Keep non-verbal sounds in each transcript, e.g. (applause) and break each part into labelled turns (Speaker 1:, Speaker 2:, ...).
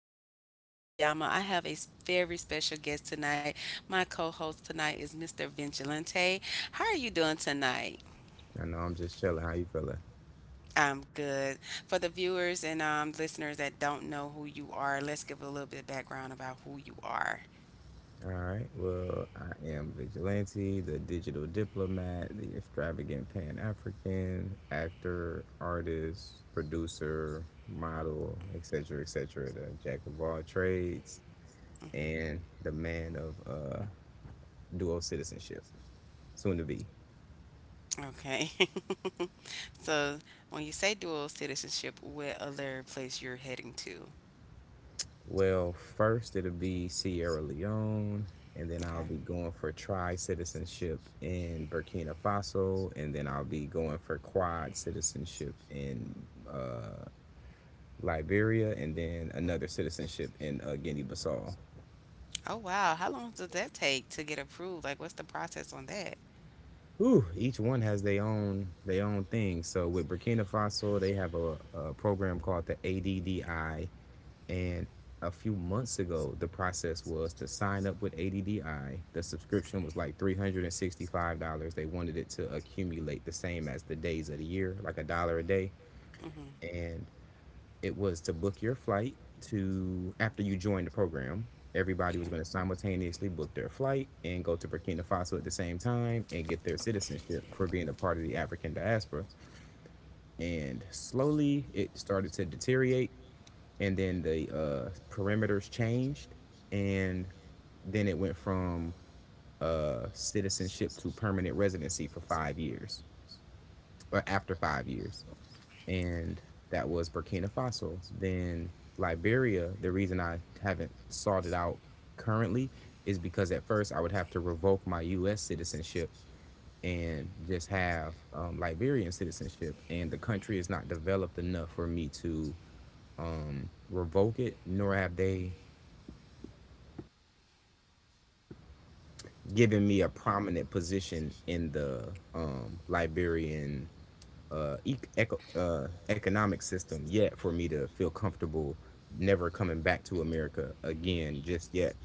Speaker 1: Yama. This is your girl Yama. I have a very special guest tonight. My co host tonight is Mr. Vigilante. How are you doing tonight?
Speaker 2: I know I'm just chilling. How you feeling?
Speaker 1: I'm good. For the viewers and listeners that don't know who you are, let's give a little bit of background about who you are.
Speaker 2: All right. Well, I am Vigilante, the digital diplomat, the extravagant Pan African, actor, artist, producer, model, etc., et cetera, the jack of all trades,
Speaker 1: Mhm.
Speaker 2: and the man of dual citizenship, soon to be.
Speaker 1: Okay. (laughs) So, when you say dual citizenship, what other place you're heading to?
Speaker 2: Well, first it'll be Sierra Leone, and then I'll
Speaker 1: Okay.
Speaker 2: be going for tri citizenship in Burkina Faso, and then I'll be going for quad citizenship in uh, Liberia, and then another citizenship in Guinea-Bissau.
Speaker 1: Oh, wow. How long does that take to get approved? Like, what's the process on that?
Speaker 2: Ooh, each one has their own thing. So with Burkina Faso, they have a program called the ADDI. And a few months ago, the process was to sign up with ADDI. The subscription was like $365. They wanted it to accumulate the same as the days of the year, like a dollar a day.
Speaker 1: Mm-hmm.
Speaker 2: And it was to book your flight to after you joined the program. Everybody was
Speaker 1: Okay.
Speaker 2: going to simultaneously book their flight and go to Burkina Faso at the same time and get their citizenship for being a part of the African diaspora. And slowly it started to deteriorate, and then the perimeters changed, and then it went from citizenship to permanent residency for 5 years, or after 5 years, and that was Burkina Faso. Then Liberia. The reason I haven't sought it out currently is because at first I would have to revoke my U.S. citizenship and just have Liberian citizenship, and the country is not developed enough for me to revoke it, nor have they giving me a prominent position in the Liberian uh, economic system yet for me to feel comfortable never coming back to America again just yet.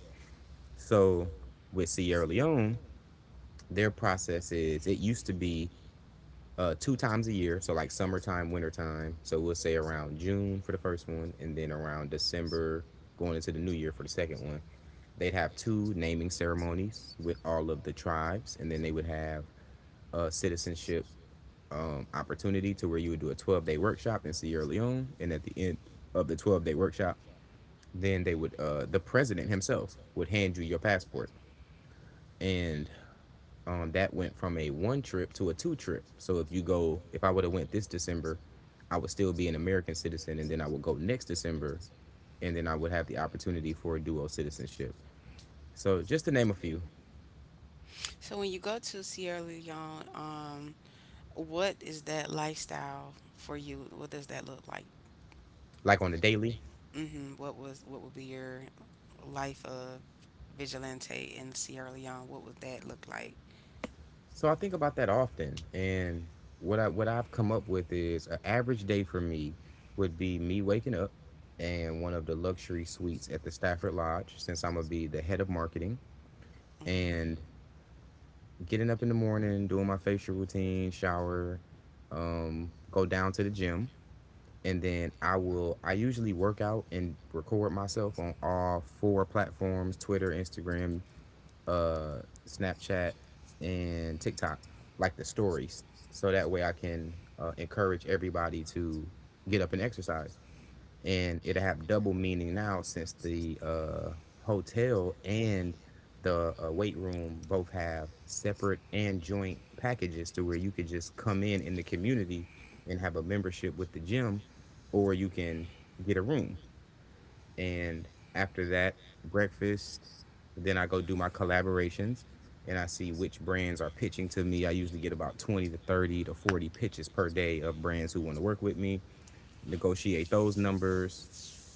Speaker 2: So with Sierra Leone, their process is it used to be two times a year, so like summertime, wintertime. So we'll say around June for the first one, and then around December going into the new year for the second one. They'd have two naming ceremonies with all of the tribes, and then they would have citizenship opportunity to where you would do a 12-day workshop in Sierra Leone. And at the end of the 12-day workshop, then they would, the president himself would hand you your passport. And that went from a one trip to a two trip. So if you go, if I would have went this December, I would still be an American citizen, and then I would go next December, and then I would have the opportunity for a dual citizenship. So just to name a few,
Speaker 1: So when you go to Sierra Leone, what is that lifestyle for you? What does that look like?
Speaker 2: like on the daily.
Speaker 1: What would be your life of Vigilante in Sierra Leone? What would that look like?
Speaker 2: So I think about that often, and what I've come up with is an average day for me would be me waking up in one of the luxury suites at the Stafford Lodge, since I'm gonna be the head of marketing,
Speaker 1: Mhm.
Speaker 2: and getting up in the morning, doing my facial routine, shower, go down to the gym, and then I usually work out and record myself on all four platforms: Twitter, Instagram, uh, Snapchat and TikTok, like the stories. So that way I can encourage everybody to get up and exercise. And it'll have double meaning now since the hotel and the weight room both have separate and joint packages to where you could just come in the community and have a membership with the gym, or you can get a room and after that, breakfast. Then I go do my collaborations, and I see which brands are pitching to me. I usually get about 20 to 30 to 40 pitches per day of brands who want to work with me. Negotiate those numbers,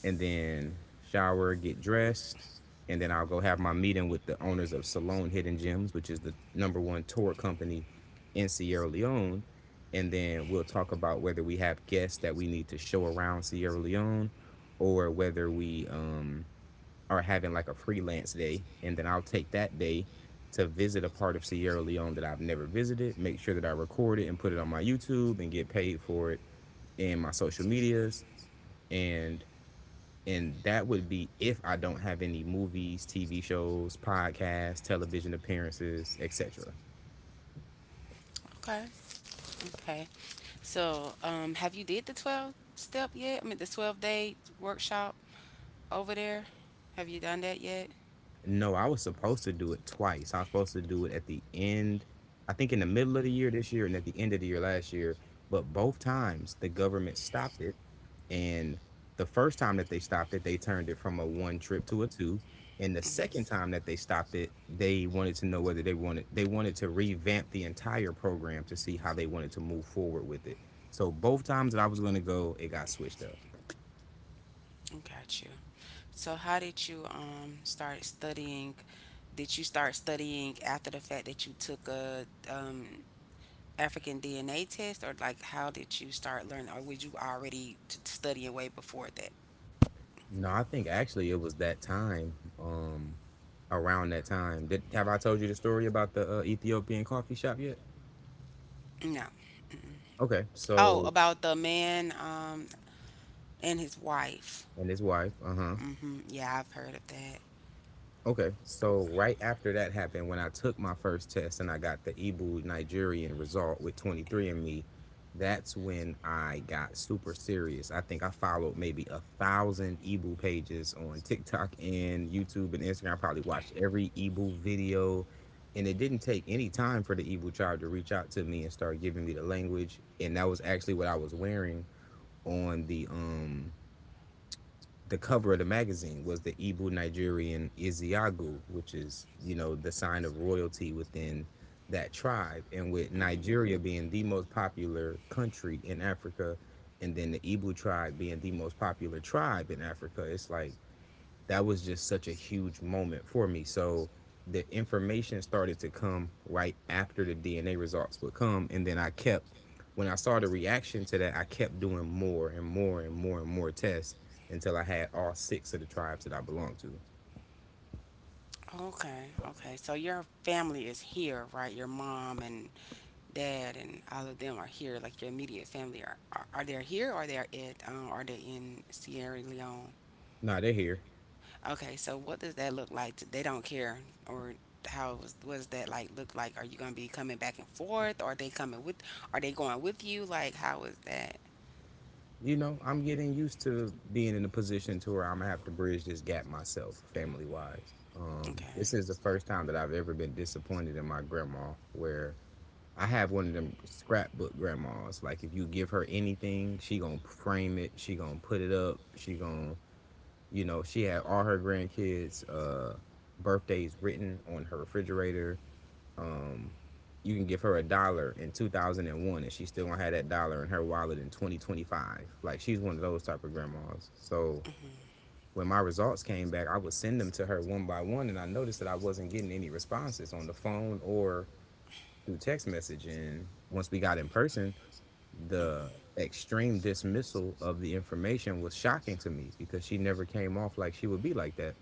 Speaker 2: and then shower, get dressed, and then I'll go have my meeting with the owners of Salone Hidden Gems, which is the number one tour company in Sierra Leone. And then we'll talk about whether we have guests that we need to show around Sierra Leone or whether we are having like a freelance day. And then I'll take that day to visit a part of Sierra Leone that I've never visited, make sure that I record it and put it on my YouTube and get paid for it in my social medias. And and that would be if I don't have any movies, TV shows, podcasts, television appearances, etc.
Speaker 1: Okay. Okay. So, have you did the 12 step yet? I mean, the 12-day workshop over there? Have you done that yet?
Speaker 2: No, I was supposed to do it twice. I was supposed to do it at the end, I think in the middle of the year this year and at the end of the year last year. But both times the government stopped it. And the first time that they stopped it, they turned it from a one trip to a two. And the second time that they stopped it, they wanted to know whether they wanted to revamp the entire program to see how they wanted to move forward with it. So both times that I was going to go, it got switched up.
Speaker 1: Got you. So how did you start studying? Did you start studying after the fact that you took a African DNA test, or like how did you start learning, or was you already studying way before that?
Speaker 2: No, I think actually it was that time, um, around that time. Did have I told you the story about the Ethiopian coffee shop yet?
Speaker 1: No. Mm-mm.
Speaker 2: Okay,
Speaker 1: Oh,
Speaker 2: so
Speaker 1: about the man and his wife.
Speaker 2: and his wife, uh huh.
Speaker 1: Yeah, I've heard of that.
Speaker 2: Okay, so right after that happened, when I took my first test and I got the Igbo Nigerian result with 23 and me, that's when I got super serious. I think I followed maybe 1,000 Igbo pages on TikTok and YouTube and Instagram. I probably watched every Igbo video, and it didn't take any time for the Igbo tribe to reach out to me and start giving me the language. And that was actually what I was wearing on the cover of the magazine was the Igbo Nigerian Iziagu, which is, you know, the sign of royalty within that tribe. And with Nigeria being the most popular country in Africa, and then the Igbo tribe being the most popular tribe in Africa, it's like that was just such a huge moment for me. So the information started to come right after the DNA results would come. And then when I saw the reaction to that, I kept doing more and more and more and more tests until I had all six of the tribes that I belong to.
Speaker 1: Okay, okay. So your family is here, right? Your mom and dad and all of them are here, like your immediate family are they here, or they are at are they in Sierra Leone?
Speaker 2: Now they're here.
Speaker 1: Okay, so what does that look like? They don't care? Or how was what does that like look like? Are you gonna be coming back and forth? Or are they coming with? Are they going with you? Like, how is that?
Speaker 2: You know, I'm getting used to being in a position to where I'm gonna have to bridge this gap myself, family wise. This
Speaker 1: Okay.
Speaker 2: is the first time that I've ever been disappointed in my grandma, where I have one of them scrapbook grandmas. Like if you give her anything, she gonna frame it. She gonna put it up. She gonna, you know, she had all her grandkids' birthdays written on her refrigerator. Um, you can give her a dollar in 2001 and she still gonna have that dollar in her wallet in 2025, like she's one of those type of grandmas. So
Speaker 1: hmm
Speaker 2: when my results came back, I would send them to her one by one, and I noticed that I wasn't getting any responses on the phone or through text message. And once we got in person,
Speaker 1: hmm
Speaker 2: the extreme dismissal of the information was shocking to me because she never came off like she would be like that.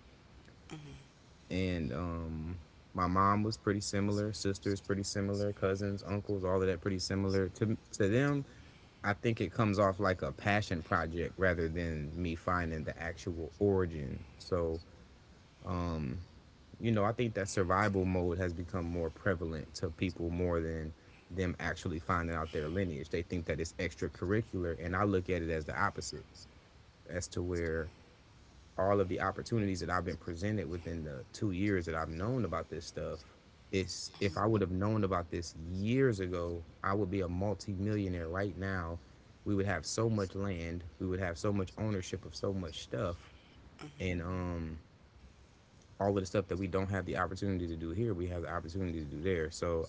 Speaker 2: And my mom was pretty similar, sisters pretty similar, cousins, uncles, all of that pretty similar. To them, I think it comes off like a passion project rather than me finding the actual origin. So um, you know, I think that survival mode has become more prevalent to people more than them actually finding out their lineage. They think that it's extracurricular, and I look at it as the opposite, as to where all of the opportunities that I've been presented within the 2 years that I've known about this stuff. It's if I would have known about this years ago, I would be a multimillionaire right now. We would have so much land, we would have so much ownership of so much stuff, and
Speaker 1: hmm
Speaker 2: all of the stuff that we don't have the opportunity to do here, we have the opportunity to do there. So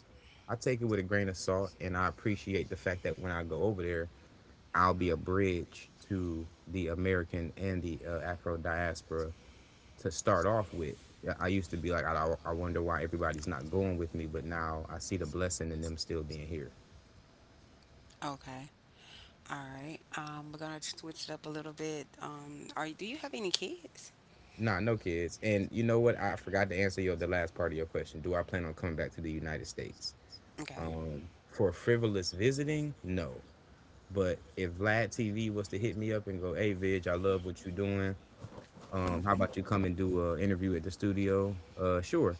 Speaker 2: I take it with a grain of salt, and I appreciate the fact that when I go over there, I'll be a bridge to the American and the Afro diaspora to start off with. Yeah, I used to be like, I wonder why everybody's not going with me, but now I see the blessing in them still being here.
Speaker 1: Okay. All right. We're gonna switch it up a little bit. Do you have any kids?
Speaker 2: Nah, no kids. And you know what? I forgot to answer your the last part of your question. Do I plan on coming back to the United States?
Speaker 1: Okay.
Speaker 2: For frivolous visiting, no. But if Vlad TV was to hit me up and go, "Hey, Vidge, I love what you're doing. How about you come and do an interview at the studio?" Sure.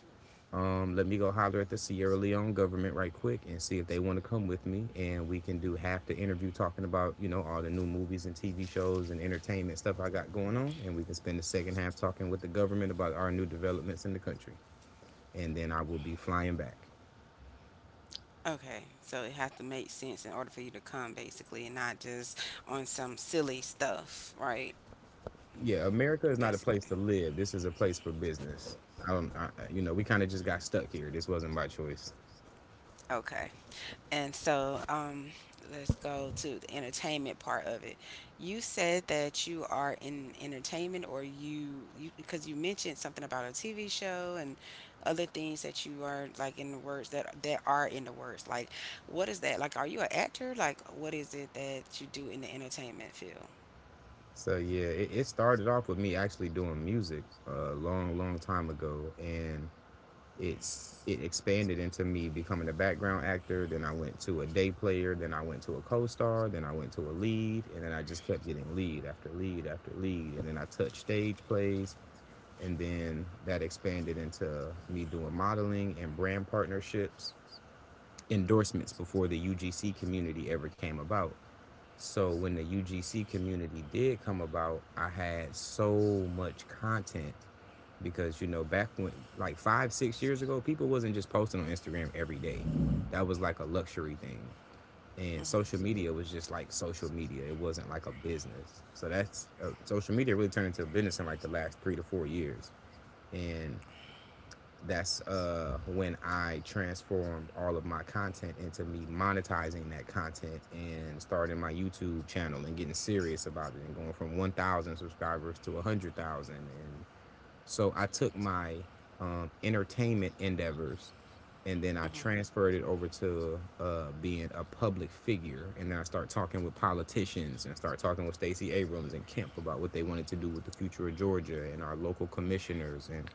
Speaker 2: Let me go holler at the Sierra Leone government right quick and see if they want to come with me, and we can do half the interview talking about all the new movies and TV shows and entertainment stuff I got going on, and we can spend the second half talking with the government about our new developments in the country, and then I will be flying back.
Speaker 1: Okay. So it has to make sense in order for you to come, basically, and not just on some silly stuff, right?
Speaker 2: Yeah, America is not a place
Speaker 1: Basically.
Speaker 2: to live. This is a place for business. I don't. We kind of just got stuck here. This wasn't my choice.
Speaker 1: Okay. And so let's go to the entertainment part of it. You said that you are in entertainment, or you because you mentioned something about a TV show and other things that you are like in the words that are in the words. Like, what is that? Like, are you an actor? Like, what is it that you do in the entertainment field?
Speaker 2: So yeah, it started off with me actually doing music a long, long time ago, and it expanded into me becoming a background actor. Then I went to a day player. Then I went to a co-star. Then I went to a lead, and then I just kept getting lead after lead after lead. And then I touched stage plays, and then that expanded into me doing modeling and brand partnerships endorsements before the UGC community ever came about. So when the UGC community did come about, I had so much content because back when like 5 6 years ago, people wasn't just posting on Instagram every day. That was like a luxury thing. And social media
Speaker 1: hmm
Speaker 2: was just like social media. It wasn't like a business. So that's social media really turned into a business in like the last 3 to 4 years. And that's when I transformed all of my content into me monetizing that content and starting my YouTube channel and getting serious about it and going from 1,000 subscribers to 100,000 and so I took my entertainment endeavors and then I transferred it over to being a public figure and then I start talking with politicians and start talking with Stacey Abrams and Kemp about what they wanted to do with the future of Georgia and our local commissioners and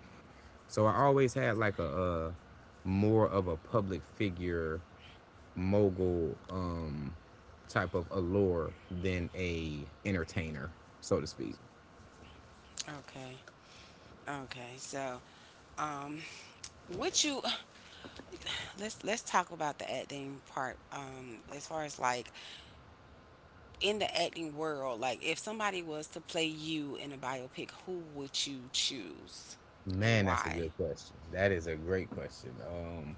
Speaker 2: so I always had like more of a public figure mogul type of allure than a entertainer, so to speak.
Speaker 1: Okay. Okay. So, um, would you (sighs) let's talk about the acting part. As far as like in the acting world, like if somebody was to play you in a biopic, who would you choose and
Speaker 2: Man, that's a
Speaker 1: why?
Speaker 2: good question. That is a great question.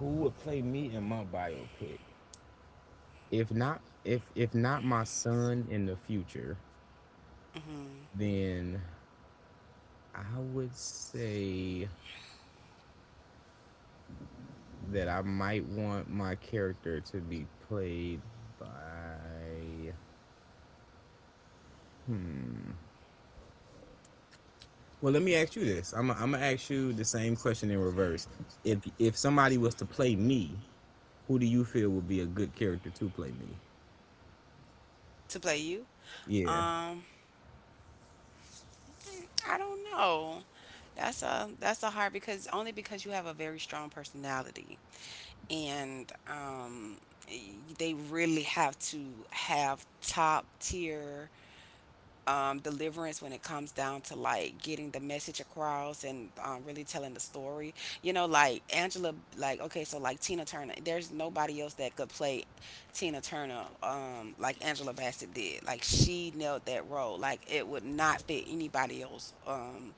Speaker 2: Who would play me in my biopic? If not my son in the future,
Speaker 1: hmm
Speaker 2: then I would say that I might want my character to be played by hmm Well, let me ask you this. I'm gonna ask you the same question in reverse. If somebody was to play me, who do you feel would be a good character to play me?
Speaker 1: To play you?
Speaker 2: Yeah,
Speaker 1: Um, I don't know. That's a hard because only because you have a very strong personality and they really have to have top tier deliverance when it comes down to like getting the message across and really telling the story. You know, like Angela, like, okay, so like Tina Turner, there's nobody else that could play Tina Turner, like Angela Bassett did. Like, she nailed that role. Like, it would not fit anybody else.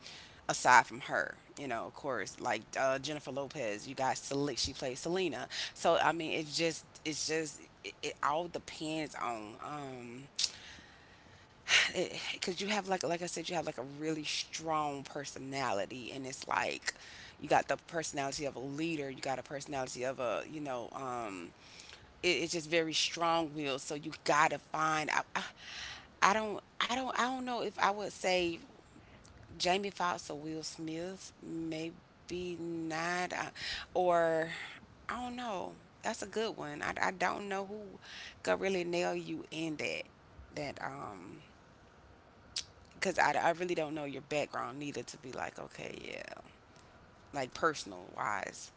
Speaker 1: Aside from her, of course, like Jennifer Lopez, you got she plays Selena. So I mean, it's just it all depends on because you have like I said, you have like a really strong personality, and it's like you got the personality of a leader, you got a personality of a, it's just very strong willed. So you gotta find. I don't know if I would say Jamie Foxx or Will Smith, maybe not, or I don't know. That's a good one. I don't know who could really nail you in that that because I really don't know your background neither to be like, okay, yeah, like, personal wise,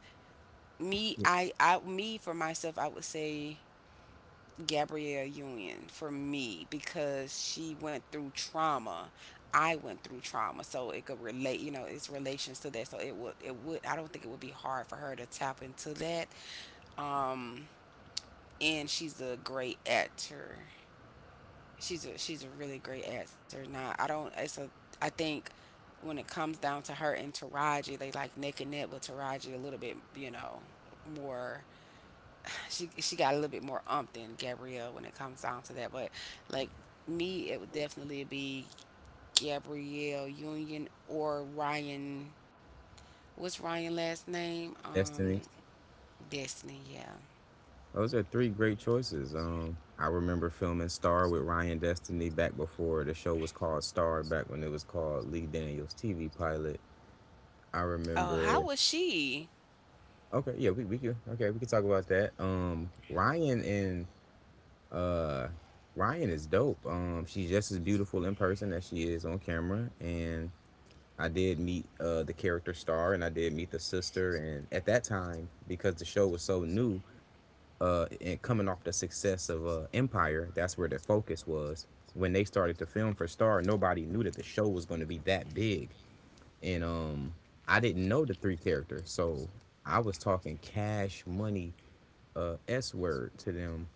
Speaker 1: me,
Speaker 2: yeah.
Speaker 1: I me, for myself, I would say Gabrielle Union for me, because she went through trauma, I went through trauma, so it could relate, it's relations to that, so it would I don't think it would be hard for her to tap into that, um and she's a great actor, she's a really great actor. Now, I don't it's a I think when it comes down to her and Taraji, they like neck and neck, with Taraji a little bit more. She got a little bit more umph than Gabrielle when it comes down to that. But like, me, it would definitely be Gabrielle Union or Ryan. What's Ryan last name?
Speaker 2: Destiny.
Speaker 1: Destiny. Yeah.
Speaker 2: Those are three great choices. I remember filming Star with Ryan Destiny back before the show was called Star, back when it was called Lee Daniels TV pilot. I
Speaker 1: Oh, how
Speaker 2: remember.
Speaker 1: was she?
Speaker 2: Okay, yeah, we can talk about that. Uh, Ryan is dope. She's just as beautiful in person as she is on camera. And I did meet the character star, and I did meet the sister. And at that time, because the show was so new, and coming off the success of Empire, that's where the focus was. When they started to film for Star, nobody knew that the show was going to be that big, and I didn't know the three characters, so I was talking cash money, S word to them,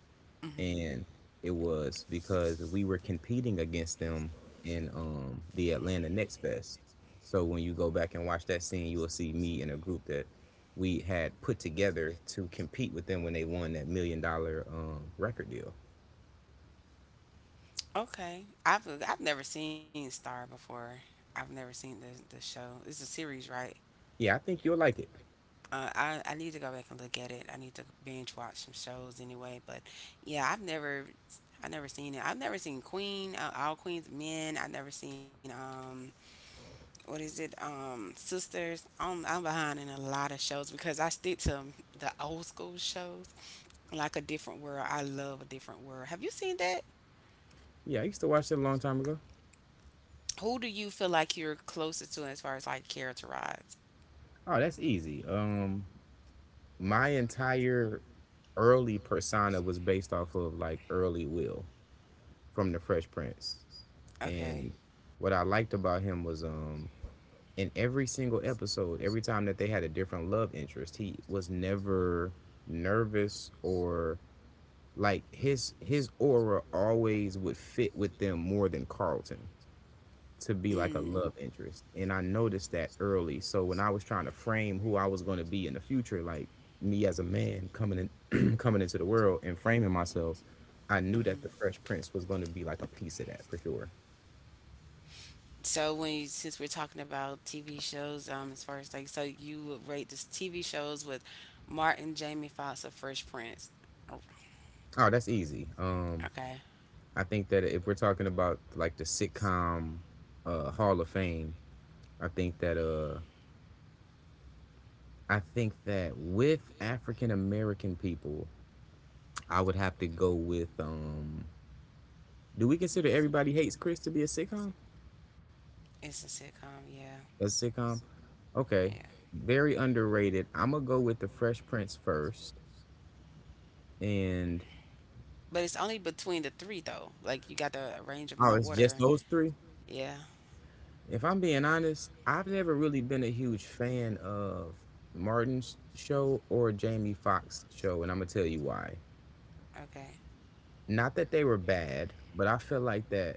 Speaker 1: hmm
Speaker 2: and it was because we were competing against them in the Atlanta Next Fest. So when you go back and watch that scene, you will see me in a group that we had put together to compete with them when they won that million-dollar record deal.
Speaker 1: Okay, I've never seen Star before. I've never seen the show. It's a series, right?
Speaker 2: Yeah, I think you'll like it.
Speaker 1: I need to go back and look at it. I need to binge watch some shows anyway. But yeah, I never seen it. I've never seen Queen, All Queens Men. I've never seen what is it, Sisters. I'm behind in a lot of shows because I stick to the old school shows, like A Different World. I love A Different World. Have you seen that?
Speaker 2: Yeah, I used to watch it a long time ago.
Speaker 1: Who do you feel like you're closest to as far as like characterized?
Speaker 2: Oh, that's easy. My entire early persona was based off of like early Will from The Fresh Prince,
Speaker 1: Okay.
Speaker 2: and what I liked about him was in every single episode, every time that they had a different love interest, he was never nervous or like his aura always would fit with them more than Carlton to be like a
Speaker 1: Mm.
Speaker 2: love interest. And I noticed that early. So when I was trying to frame who I was going to be in the future, like me as a man coming in (clears throat) coming into the world and framing myself, I knew
Speaker 1: Mhm.
Speaker 2: that the Fresh Prince was going to be like a piece of that for sure.
Speaker 1: So when since we're talking about TV shows, as far as like, so you would rate this TV shows with Martin, Jamie Foxx, or Fresh Prince?
Speaker 2: Oh, that's easy.
Speaker 1: Okay,
Speaker 2: I think that if we're talking about like the sitcom Hall of Fame, I think that uh, I think that with African American people, I would have to go with. Do we consider Everybody Hates Chris to be a sitcom?
Speaker 1: it's a sitcom. Yeah,
Speaker 2: A sitcom? Okay,
Speaker 1: yeah.
Speaker 2: very underrated. I'm gonna go with The Fresh Prince first, and
Speaker 1: But it's only between the three though. Like, you got to arrange them in the
Speaker 2: oh, it's just
Speaker 1: order.
Speaker 2: those three.
Speaker 1: Yeah.
Speaker 2: If I'm being honest, I've never really been a huge fan of Martin's show or Jamie Foxx's show, and I'm gonna tell you why.
Speaker 1: Okay.
Speaker 2: Not that they were bad, but I feel like that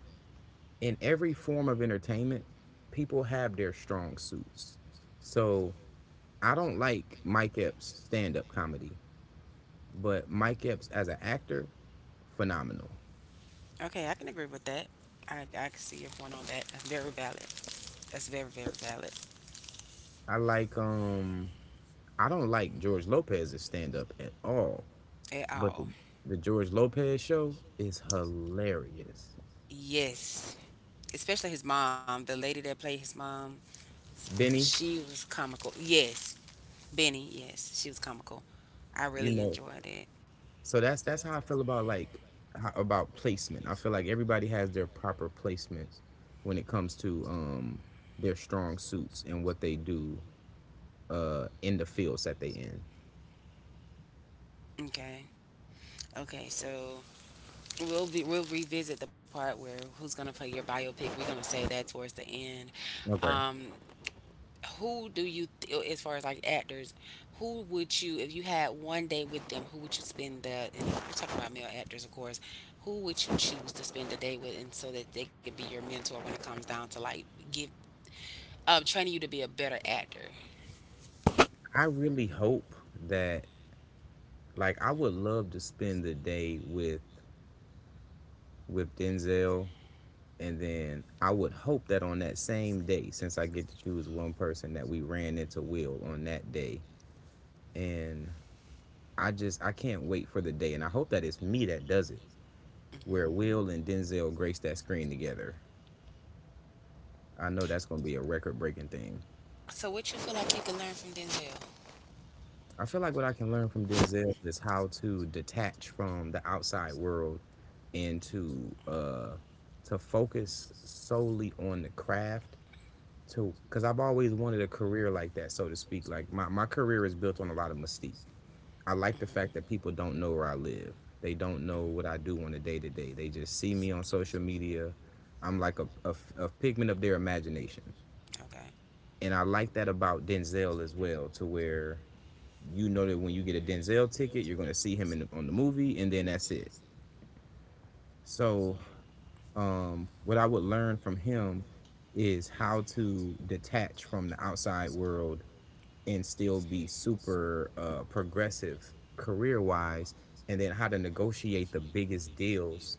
Speaker 2: in every form of entertainment, people have their strong suits. So I don't like Mike Epps' stand-up comedy, but Mike Epps as an actor, phenomenal.
Speaker 1: Okay, I can agree with that. I can see your point on that. That's very valid. That's very, very valid.
Speaker 2: I like um I don't like George Lopez's stand-up at all.
Speaker 1: At
Speaker 2: But
Speaker 1: all.
Speaker 2: the George Lopez show is hilarious.
Speaker 1: Yes. Especially his mom, the lady that played his mom,
Speaker 2: Benny,
Speaker 1: she was comical. Yes, Benny, yes, she was comical. I
Speaker 2: you
Speaker 1: really
Speaker 2: know,
Speaker 1: enjoyed it.
Speaker 2: so that's how I feel about like about placement. I feel like everybody has their proper placement when it comes to their strong suits and what they do in the fields that they in.
Speaker 1: Okay. Okay, so we'll revisit the part where who's gonna play your biopic. We're gonna say that towards the end.
Speaker 2: Okay.
Speaker 1: Um, who do you, th- As far as like actors, if you had one day with them, who would you spend the? And we're talking about male actors, of course. Who would you choose to spend the day with, and so that they could be your mentor when it comes down to like give, training you to be a better actor.
Speaker 2: I really hope that like I would love to spend the day with Denzel. And then I would hope that on that same day, since I get to choose one person, that we ran into Will on that day. And I can't wait for the day. And I hope that it's me that does it, where
Speaker 1: hmm
Speaker 2: Will and Denzel grace that screen together. I know that's going to be a record breaking thing.
Speaker 1: So what you feel like you can learn from Denzel?
Speaker 2: I feel like what I can learn from Denzel is how to detach from the outside world and to focus solely on the craft too, because I've always wanted a career like that, so to speak. Like my career is built on a lot of mystique. I like the
Speaker 1: Like
Speaker 2: fact
Speaker 1: the
Speaker 2: that
Speaker 1: fact
Speaker 2: people
Speaker 1: that people
Speaker 2: don't know
Speaker 1: don't
Speaker 2: where I
Speaker 1: know where I
Speaker 2: live.
Speaker 1: live.
Speaker 2: They don't know what I do on a day-to-day. They just see me on social media. I'm like a pigment of their imagination,
Speaker 1: Okay.
Speaker 2: and I like that about Denzel as well, to where you know that when you get a Denzel ticket, you're going to see him in on the movie, and then that's it. So what I would learn from him is how to detach from the outside world and still be super progressive career wise, and then how to negotiate the biggest deals,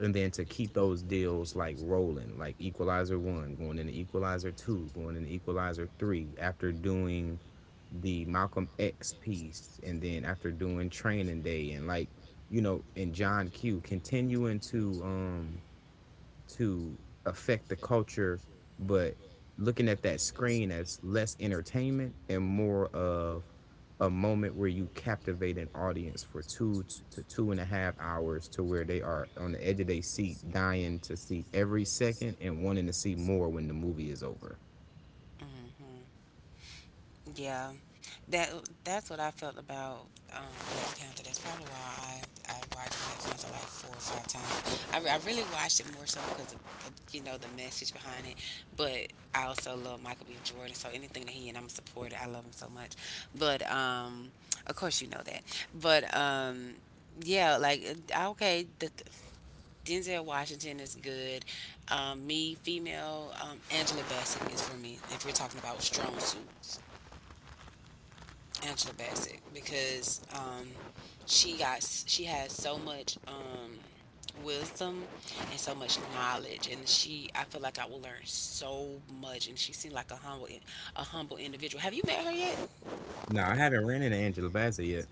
Speaker 2: and then to keep those deals like rolling, like Equalizer One, going into Equalizer Two, going into Equalizer Three, after doing the Malcolm X piece, and then after doing Training Day, and like and John Q, continuing to affect the culture, but looking at that screen as less entertainment and more of a moment where you captivate an audience for 2 to 2.5 hours, to where they are on the edge of their seat, dying to see every second and wanting to see more when the movie is over.
Speaker 1: hmm Yeah. That that's what I felt about, Black Panther. That's probably why I watched Black Panther like four or five times. I really watched it more so because of the message behind it. But I also love Michael B. Jordan, so anything that he and I'm a supporter, I love him so much. But of course you know that. But yeah, like, okay, the Denzel Washington is good. Me, female, Angela Bassett is for me. If we're talking about strong suits, Angela Bassett, because she got she has so much, wisdom and so much knowledge, and she I feel like I will learn so much, and she seemed like a humble individual. Have you met her yet?
Speaker 2: No, I haven't ran into Angela Bassett yet.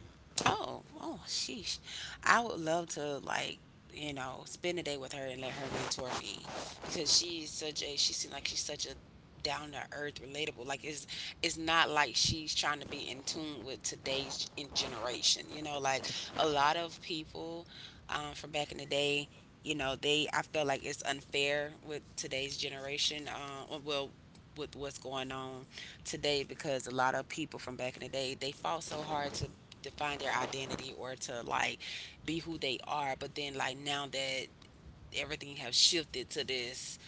Speaker 1: Oh, oh, sheesh. I would love to, like, spend a day with her and let her mentor me because she seems like she's such a down to earth, relatable. Like, it's not like she's trying to be in tune with today's in generation. You know, like, a lot of people, from back in the day, you know, they I feel like it's unfair with today's generation. Well, with what's going on today, because a lot of people from back in the day, they fought so hard to define their identity, or to like be who they are, but then like now that everything has shifted to this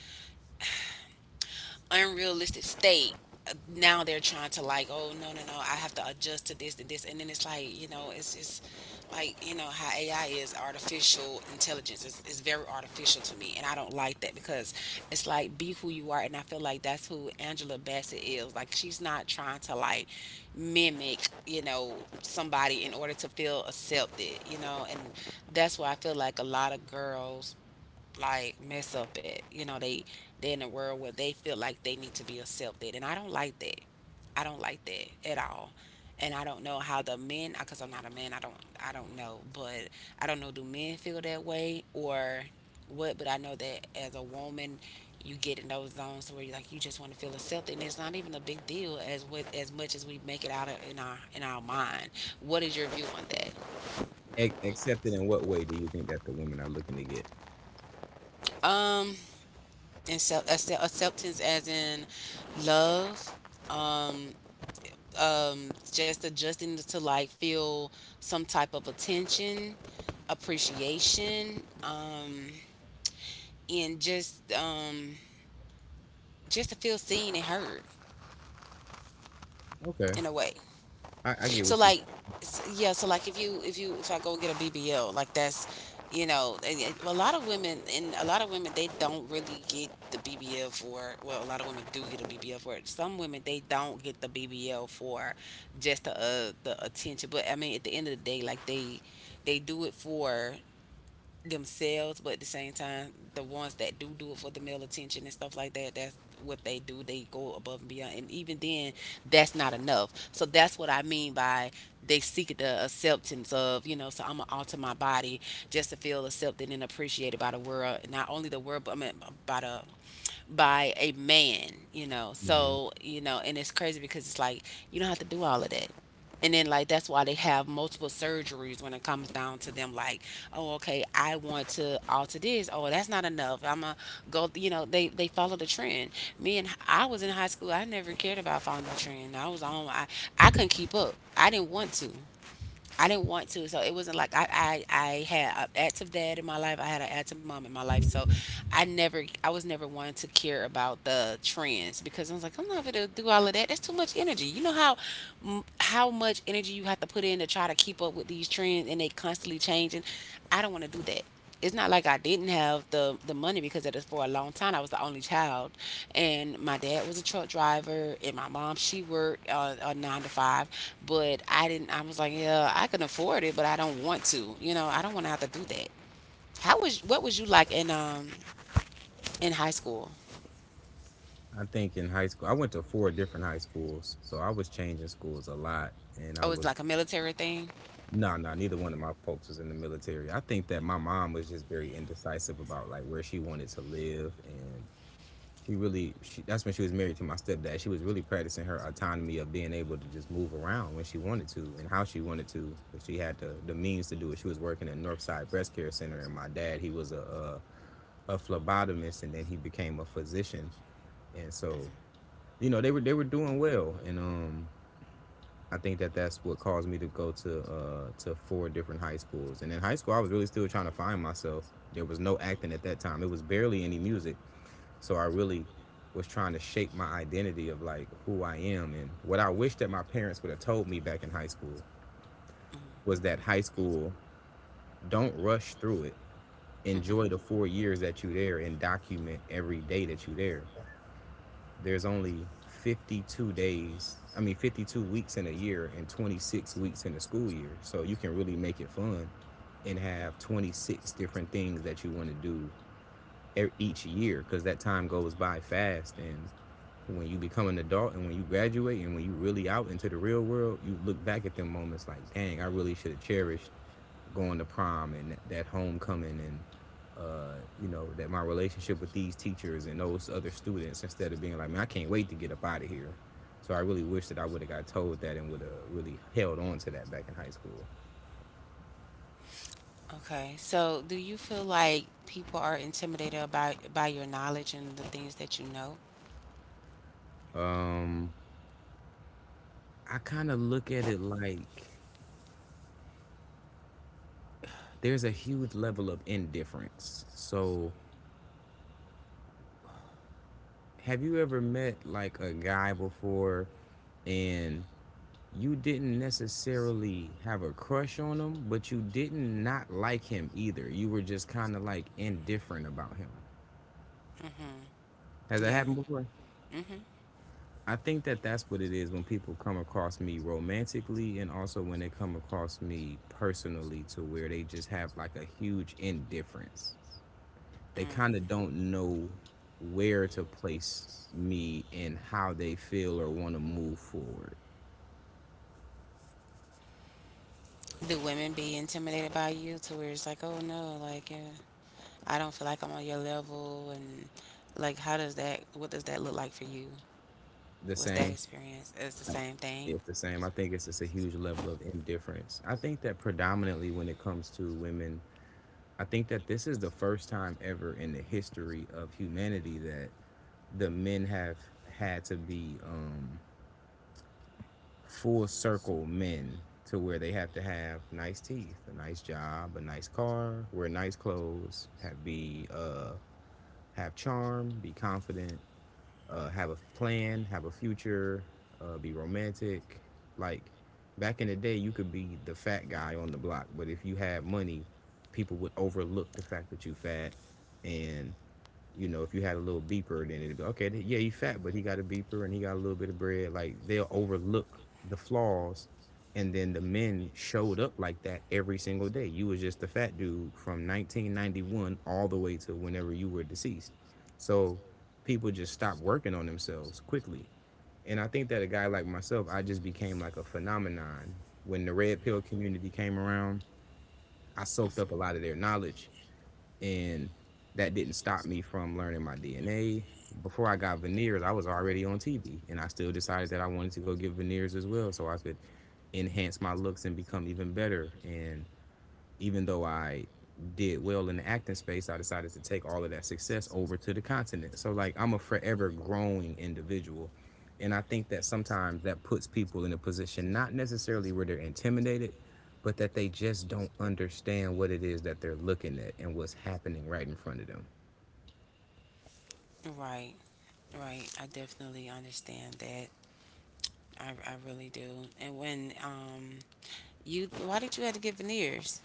Speaker 1: unrealistic state, now they're trying to like, oh no no no, I have to adjust to this and then it's like, it's like, how AI is artificial intelligence. It's very artificial to me, and I don't like that, because it's like, be who you are, and I feel like that's who Angela Bassett is. Like, she's not trying to like mimic, somebody in order to feel accepted, and that's why I feel like a lot of girls like mess up at. You know, they in a world where they feel like they need to be accepted, and I don't like that. I don't like that at all. And I don't know how the men, because I'm not a man. I don't know, but I don't know. Do men feel that way or what? But I know that as a woman, you get in those zones where you just want to feel accepted, and it's not even a big deal as with as much as we make it out of in our mind. What is your view on that?
Speaker 2: Except that, in what way do you think that the women are looking to get?
Speaker 1: Um. And self acceptance as in love, um just adjusting to like feel some type of attention, appreciation, and just to feel seen and heard
Speaker 2: Okay,
Speaker 1: in a way.
Speaker 2: I get what
Speaker 1: So
Speaker 2: you.
Speaker 1: like, yeah. So like, if I go get a BBL, like that's, you know, and well, a lot of women they don't really get the BBL for. Well, a lot of women do get a BBL for it. Some women they don't get the BBL for just the attention. But I mean, at the end of the day, like they do it for themselves, but at the same time, the ones that do do it for the male attention and stuff like that, that's what they do. They go above and beyond, and even then, that's not enough. So that's what I mean by they seek the acceptance of, you know. So I'm gonna alter my body just to feel accepted and appreciated by the world, not only the world, but I mean, by the by a man, you know.
Speaker 2: Mhm.
Speaker 1: So, you know, and it's crazy because it's like you don't have to do all of that. And then like that's why they have multiple surgeries when it comes down to them like, oh okay, I want to alter this. Oh, that's not enough. I'm a go, you know, they follow the trend. Me and I was in high school, I never cared about following the trend. I was on I couldn't keep up. I didn't want to. I didn't want to, so it wasn't like I had an active dad in my life. I had an active mom in my life, so I was never one to care about the trends because I was like I'm not gonna do all of that. That's too much energy. You know how how much energy you have to put in to try to keep up with these trends and they constantly changing. I don't want to do that. It's not like I didn't have the money because it is for a long time I was the only child, and my dad was a truck driver, and my mom she worked a nine to five, but I didn't. I was like, yeah, I can afford it, but I don't want to. You know, I don't want to have to do that. How was what was you like in high school?
Speaker 2: I think in high school, I went to four different high schools, so I was changing schools a lot, and I
Speaker 1: Oh, it's
Speaker 2: was.
Speaker 1: like a military thing.
Speaker 2: No, no, neither one of my folks was in the military. I think that my mom was just very indecisive about like where she wanted to live, and that's when she was married to my stepdad. She was really practicing her autonomy of being able to just move around when she wanted to and how she wanted to, but she had the means to do it. She was working at Northside Breast Care Center, and my dad, he was a phlebotomist, and then he became a physician. And so they were doing well. And I think that that's what caused me to go to to four different high schools. And in high school I was really still trying to find myself. There was no acting at that time, it was barely any music. So I really was trying to shape my identity of like who I am. And what I wish that my parents would have told me back in high school
Speaker 1: Mm-hmm.
Speaker 2: was that high school, don't rush through it.
Speaker 1: Mm-hmm.
Speaker 2: Enjoy the 4 years that you're there and document every day that you're there. There's only 52 days, I mean, 52 weeks in a year and 26 weeks in the school year. So you can really make it fun and have 26 different things that you want to do each year, because that time goes by fast. And when you become an adult and when you graduate and when you really out into the real world, you look back at them moments like, dang, I really should have cherished going to prom and that, homecoming and uh, that my relationship with these teachers and those other students, instead of being like, man, I can't wait to get up out of here. So I really wish that I would have got told that and would have really held on to that back in high school.
Speaker 1: Okay, so do you feel like people are intimidated about by your knowledge and the things that you know?
Speaker 2: um, I kind of look at it like there's a huge level of indifference. So have you ever met like a guy before, and you didn't necessarily have a crush on him, but you didn't not like him either. You were just kind of like indifferent about him.
Speaker 1: Mm-hmm.
Speaker 2: Has that
Speaker 1: Yeah.
Speaker 2: happened before?
Speaker 1: Mm-hmm.
Speaker 2: I think that that's what it is when people come across me romantically, and also when they come across me personally, to where they just have like a huge indifference. They
Speaker 1: Mm.
Speaker 2: kind of don't know where to place me and how they feel or want to move forward.
Speaker 1: Do women be intimidated by you to where it's like, oh no, like I don't feel like I'm on your level, and like how does that? What does that look like for you?
Speaker 2: The
Speaker 1: What's that
Speaker 2: same?
Speaker 1: experience? It's the same thing.
Speaker 2: It's the same. I think it's just a huge level of indifference. I think that predominantly when it comes to women, I think that this is the first time ever in the history of humanity that the men have had to be full circle men, to where they have to have nice teeth, a nice job, a nice car, wear nice clothes, have be have charm, be confident, have a plan, have a future, be romantic. Like back in the day, you could be the fat guy on the block, but if you had money, people would overlook the fact that you fat. And you know, if you had a little beeper, then it'd be okay. Yeah, he's fat, but he got a beeper and he got a little bit of bread. Like they'll overlook the flaws, and then the men showed up like that every single day. You was just a fat dude from 1991 all the way to whenever you were deceased. So people just stopped working on themselves quickly. And I think that a guy like myself, I just became like a phenomenon. When the red pill community came around, I soaked up a lot of their
Speaker 1: Hmm.
Speaker 2: knowledge, and that didn't stop me from learning my DNA. Before I got veneers, I was already on TV, and I still decided that I wanted to go get veneers as well, so I could enhance my looks and become even better. And even though I did well in the acting space, I decided to take all of that success over to the continent. So like I'm a forever growing individual. And I think that sometimes that puts people in a position not necessarily where they're intimidated, but that they just don't understand what it is that they're looking at and what's happening right in front of them.
Speaker 1: Right, right. I definitely understand that. I really do. And when you, why did you have to get veneers?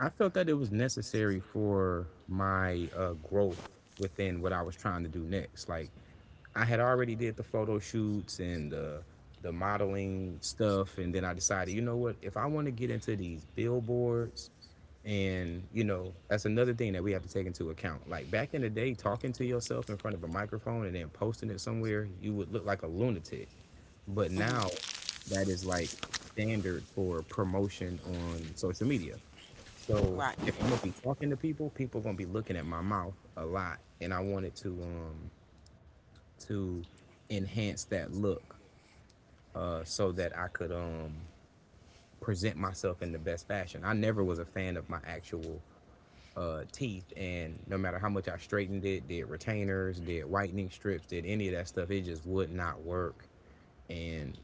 Speaker 2: I felt that it was necessary for my growth within what I was trying to do next. Like I had already did the photo shoots and the modeling stuff, and then I decided, you know what, if I want to get into these billboards, and you know, that's another thing that we have to take into account. Like back in the day, talking to yourself in front of a microphone and then posting it somewhere, you would look like a lunatic. But now,
Speaker 1: Mm-hmm.
Speaker 2: that is like standard for promotion on social media. So
Speaker 1: Right.
Speaker 2: if I'm gonna be talking to people, people gonna be looking at my mouth a lot, and I wanted to to enhance that look, so that I could present myself in the best fashion. I never was a fan of my actual teeth, and no matter how much I straightened it, did retainers, did whitening strips, did any of that stuff, it just would not work. And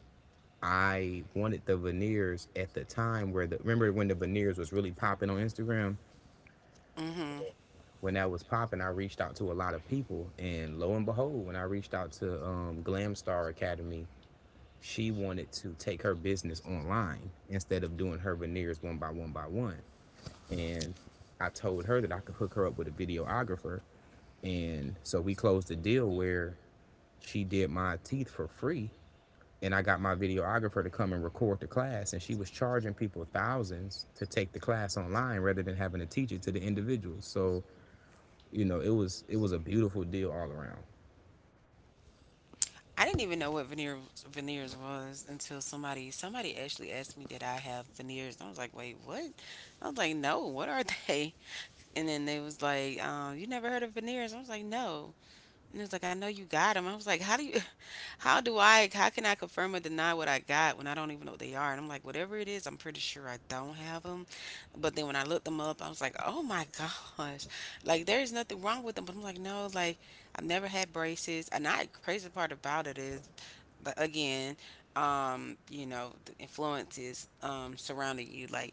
Speaker 2: I wanted the veneers at the time where the remember when the veneers was really popping on Instagram,
Speaker 1: Mm-hmm.
Speaker 2: when that was popping, I reached out to a lot of people, and lo and behold, when I reached out to Glam Star Academy, she wanted to take her business online instead of doing her veneers one by one by one. And I told her that I could hook her up with a videographer, and so we closed a deal where she did my teeth for free, and I got my videographer to come and record the class. And she was charging people thousands to take the class online rather than having to teach it to the individuals. So you know, it was a beautiful deal all around.
Speaker 1: I didn't even know what veneers was until somebody actually asked me did I have veneers and I was like wait what. I was like no what are (laughs) they. And then they was like you never heard of veneers. I was like no. And it was like I know you got them. I was like how do you (laughs) how do I how can I confirm or deny what I got when I don't even know what they are, and I'm like whatever it is I'm pretty sure I don't have them. But then when I looked them up I was like oh my (laughs) gosh. Like there's nothing wrong with them but I'm like no. Like I've never had braces, and I crazy part about it is, but again, you know, the influences surrounding you. Like,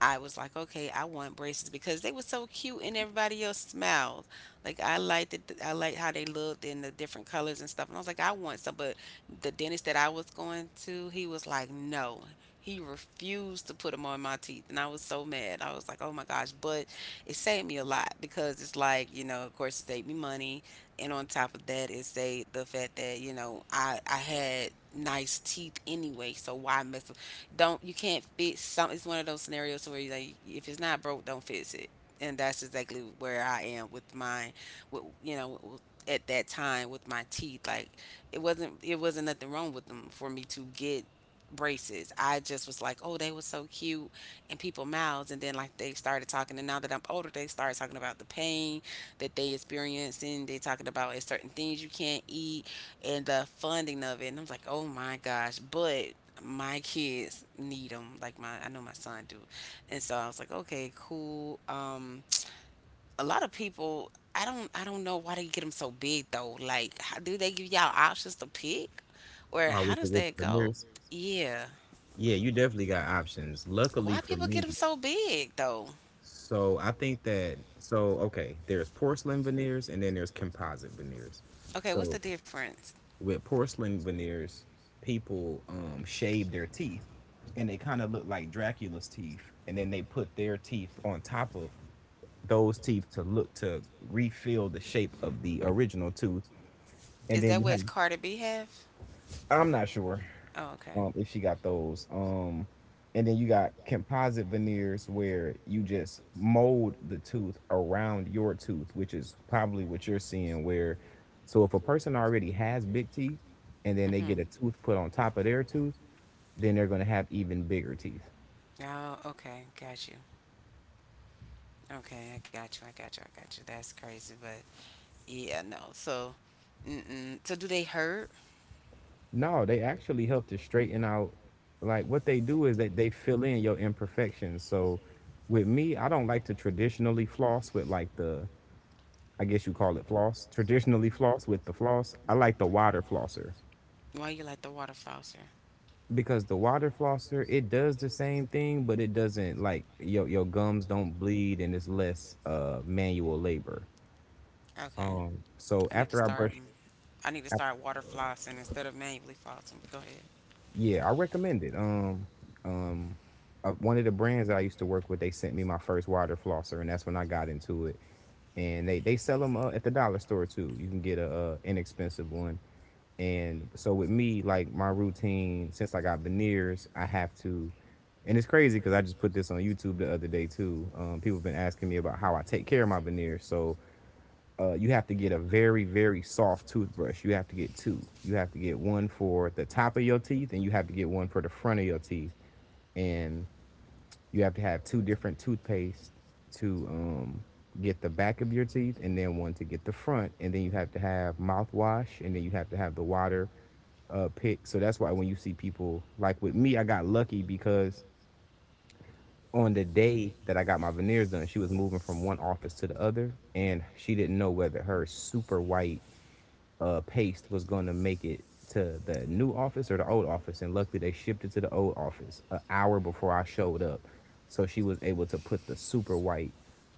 Speaker 1: I was like, okay, I want braces because they were so cute in everybody else's mouth. Like, I liked it. I liked how they looked and the different colors and stuff. And I was like, I want some. But the dentist that I was going to, he was like, no. He refused to put them on my teeth, and I was so mad. I was like, "Oh my gosh!" But it saved me a lot because it's like, you know, of course, it saved me money, and on top of that is they the fact that you know I had nice teeth anyway, so why mess with? Don't you can't fix some? It's one of those scenarios where you like if it's not broke, don't fix it, and that's exactly where I am with mine. With you know at that time with my teeth, like it wasn't nothing wrong with them for me to get braces. I just was like, oh, they were so cute in people's mouths, and then like they started talking, and now that I'm older, they started talking about the pain that they experiencing. They talking about it's certain things you can't eat and the funding of it. And I'm like, oh my gosh! But my kids need them. Like I know my son do. And so I was like, okay, cool. A lot of people, I don't know why they get them so big though. Like, how, do they give y'all options to pick, or
Speaker 2: Oh,
Speaker 1: how
Speaker 2: with the
Speaker 1: does
Speaker 2: with the
Speaker 1: that go?
Speaker 2: veneers.
Speaker 1: Yeah.
Speaker 2: Yeah, you definitely got options. Luckily
Speaker 1: Why
Speaker 2: for
Speaker 1: people get them
Speaker 2: me,
Speaker 1: so big though?
Speaker 2: so I think that so okay, there's porcelain veneers and then there's composite veneers.
Speaker 1: Okay, what's
Speaker 2: So
Speaker 1: the difference?
Speaker 2: with porcelain veneers, people shave their teeth, and they kind of look like Dracula's teeth, and then they put their teeth on top of those teeth to look to refill the shape of the original tooth, and
Speaker 1: Is
Speaker 2: then
Speaker 1: that
Speaker 2: you have—
Speaker 1: what Cardi B have?
Speaker 2: I'm not sure.
Speaker 1: Oh, okay.
Speaker 2: If she got those. And then you got composite veneers where you just mold the tooth around your tooth, which is probably what you're seeing. Where, so if a person already has big teeth, and then they get
Speaker 1: Mm-hmm.
Speaker 2: a tooth put on top of their tooth, then they're gonna have even bigger teeth.
Speaker 1: Oh, okay. Got you. Okay, I got you. I got you. I got you. That's crazy, but yeah, no. So, mm-mm. So, do they hurt?
Speaker 2: No, they actually help to straighten out. Like what they do is that they fill in your imperfections. So with me, I don't like to traditionally floss with like the I guess you call it floss. Traditionally floss with the floss. I like the water flosser,
Speaker 1: Why you like the water flosser?
Speaker 2: because the water flosser, it does the same thing, but it doesn't like your gums don't bleed, and it's less manual labor.
Speaker 1: Okay,
Speaker 2: So
Speaker 1: I need to
Speaker 2: after I
Speaker 1: start.
Speaker 2: brush,
Speaker 1: Mm, I need to
Speaker 2: I,
Speaker 1: start water flossing instead of manually flossing. But go ahead.
Speaker 2: yeah, I recommend it. Um, one of the brands that I used to work with, they sent me my first water flosser, and that's when I got into it. And they sell them at the dollar store too. You can get a, inexpensive one. And so with me, like my routine, since I got veneers, I have to— and it's crazy because I just put this on YouTube the other day too. People have been asking me about how I take care of my veneers. So you have to get a very, very soft toothbrush. You have to get two. You have to get one for the top of your teeth, and you have to get one for the front of your teeth. And you have to have two different toothpaste to get the back of your teeth, and then one to get the front. And then you have to have mouthwash, and then you have to have the water pick. So that's why when you see people like— with me, I got lucky, because on the day that I got my veneers done, she was moving from one office to the other, and she didn't know whether her super white paste was going to make it to the new office or the old office, and luckily they shipped it to the old office an hour before I showed up, so she was able to put the super white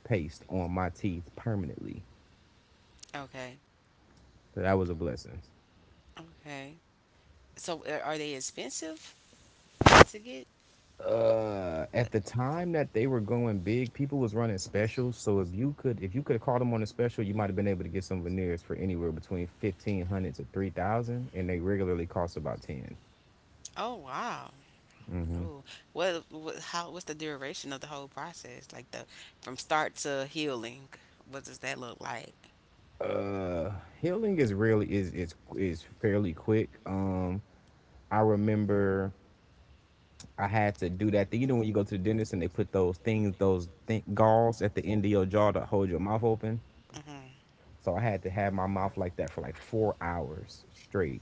Speaker 2: paste on my teeth permanently.
Speaker 1: Okay.
Speaker 2: So that was a blessing.
Speaker 1: Okay. So, are they expensive to get?
Speaker 2: At the time that they were going big, people was running specials. So if you could have called them on a special, you might have been able to get some veneers for anywhere between 1,500 to 3,000, and they regularly cost about ten.
Speaker 1: Oh wow.
Speaker 2: Mm-hmm.
Speaker 1: Oh, what? How? What's the duration of the whole process? Like the from start to healing. What does that look like?
Speaker 2: Uh, healing is really is fairly quick. I remember I had to do that thing. You know when you go to the dentist and they put those things, those gauze at the end of your jaw to hold your mouth open.
Speaker 1: Hmm.
Speaker 2: So I had to have my mouth like that for like 4 hours straight,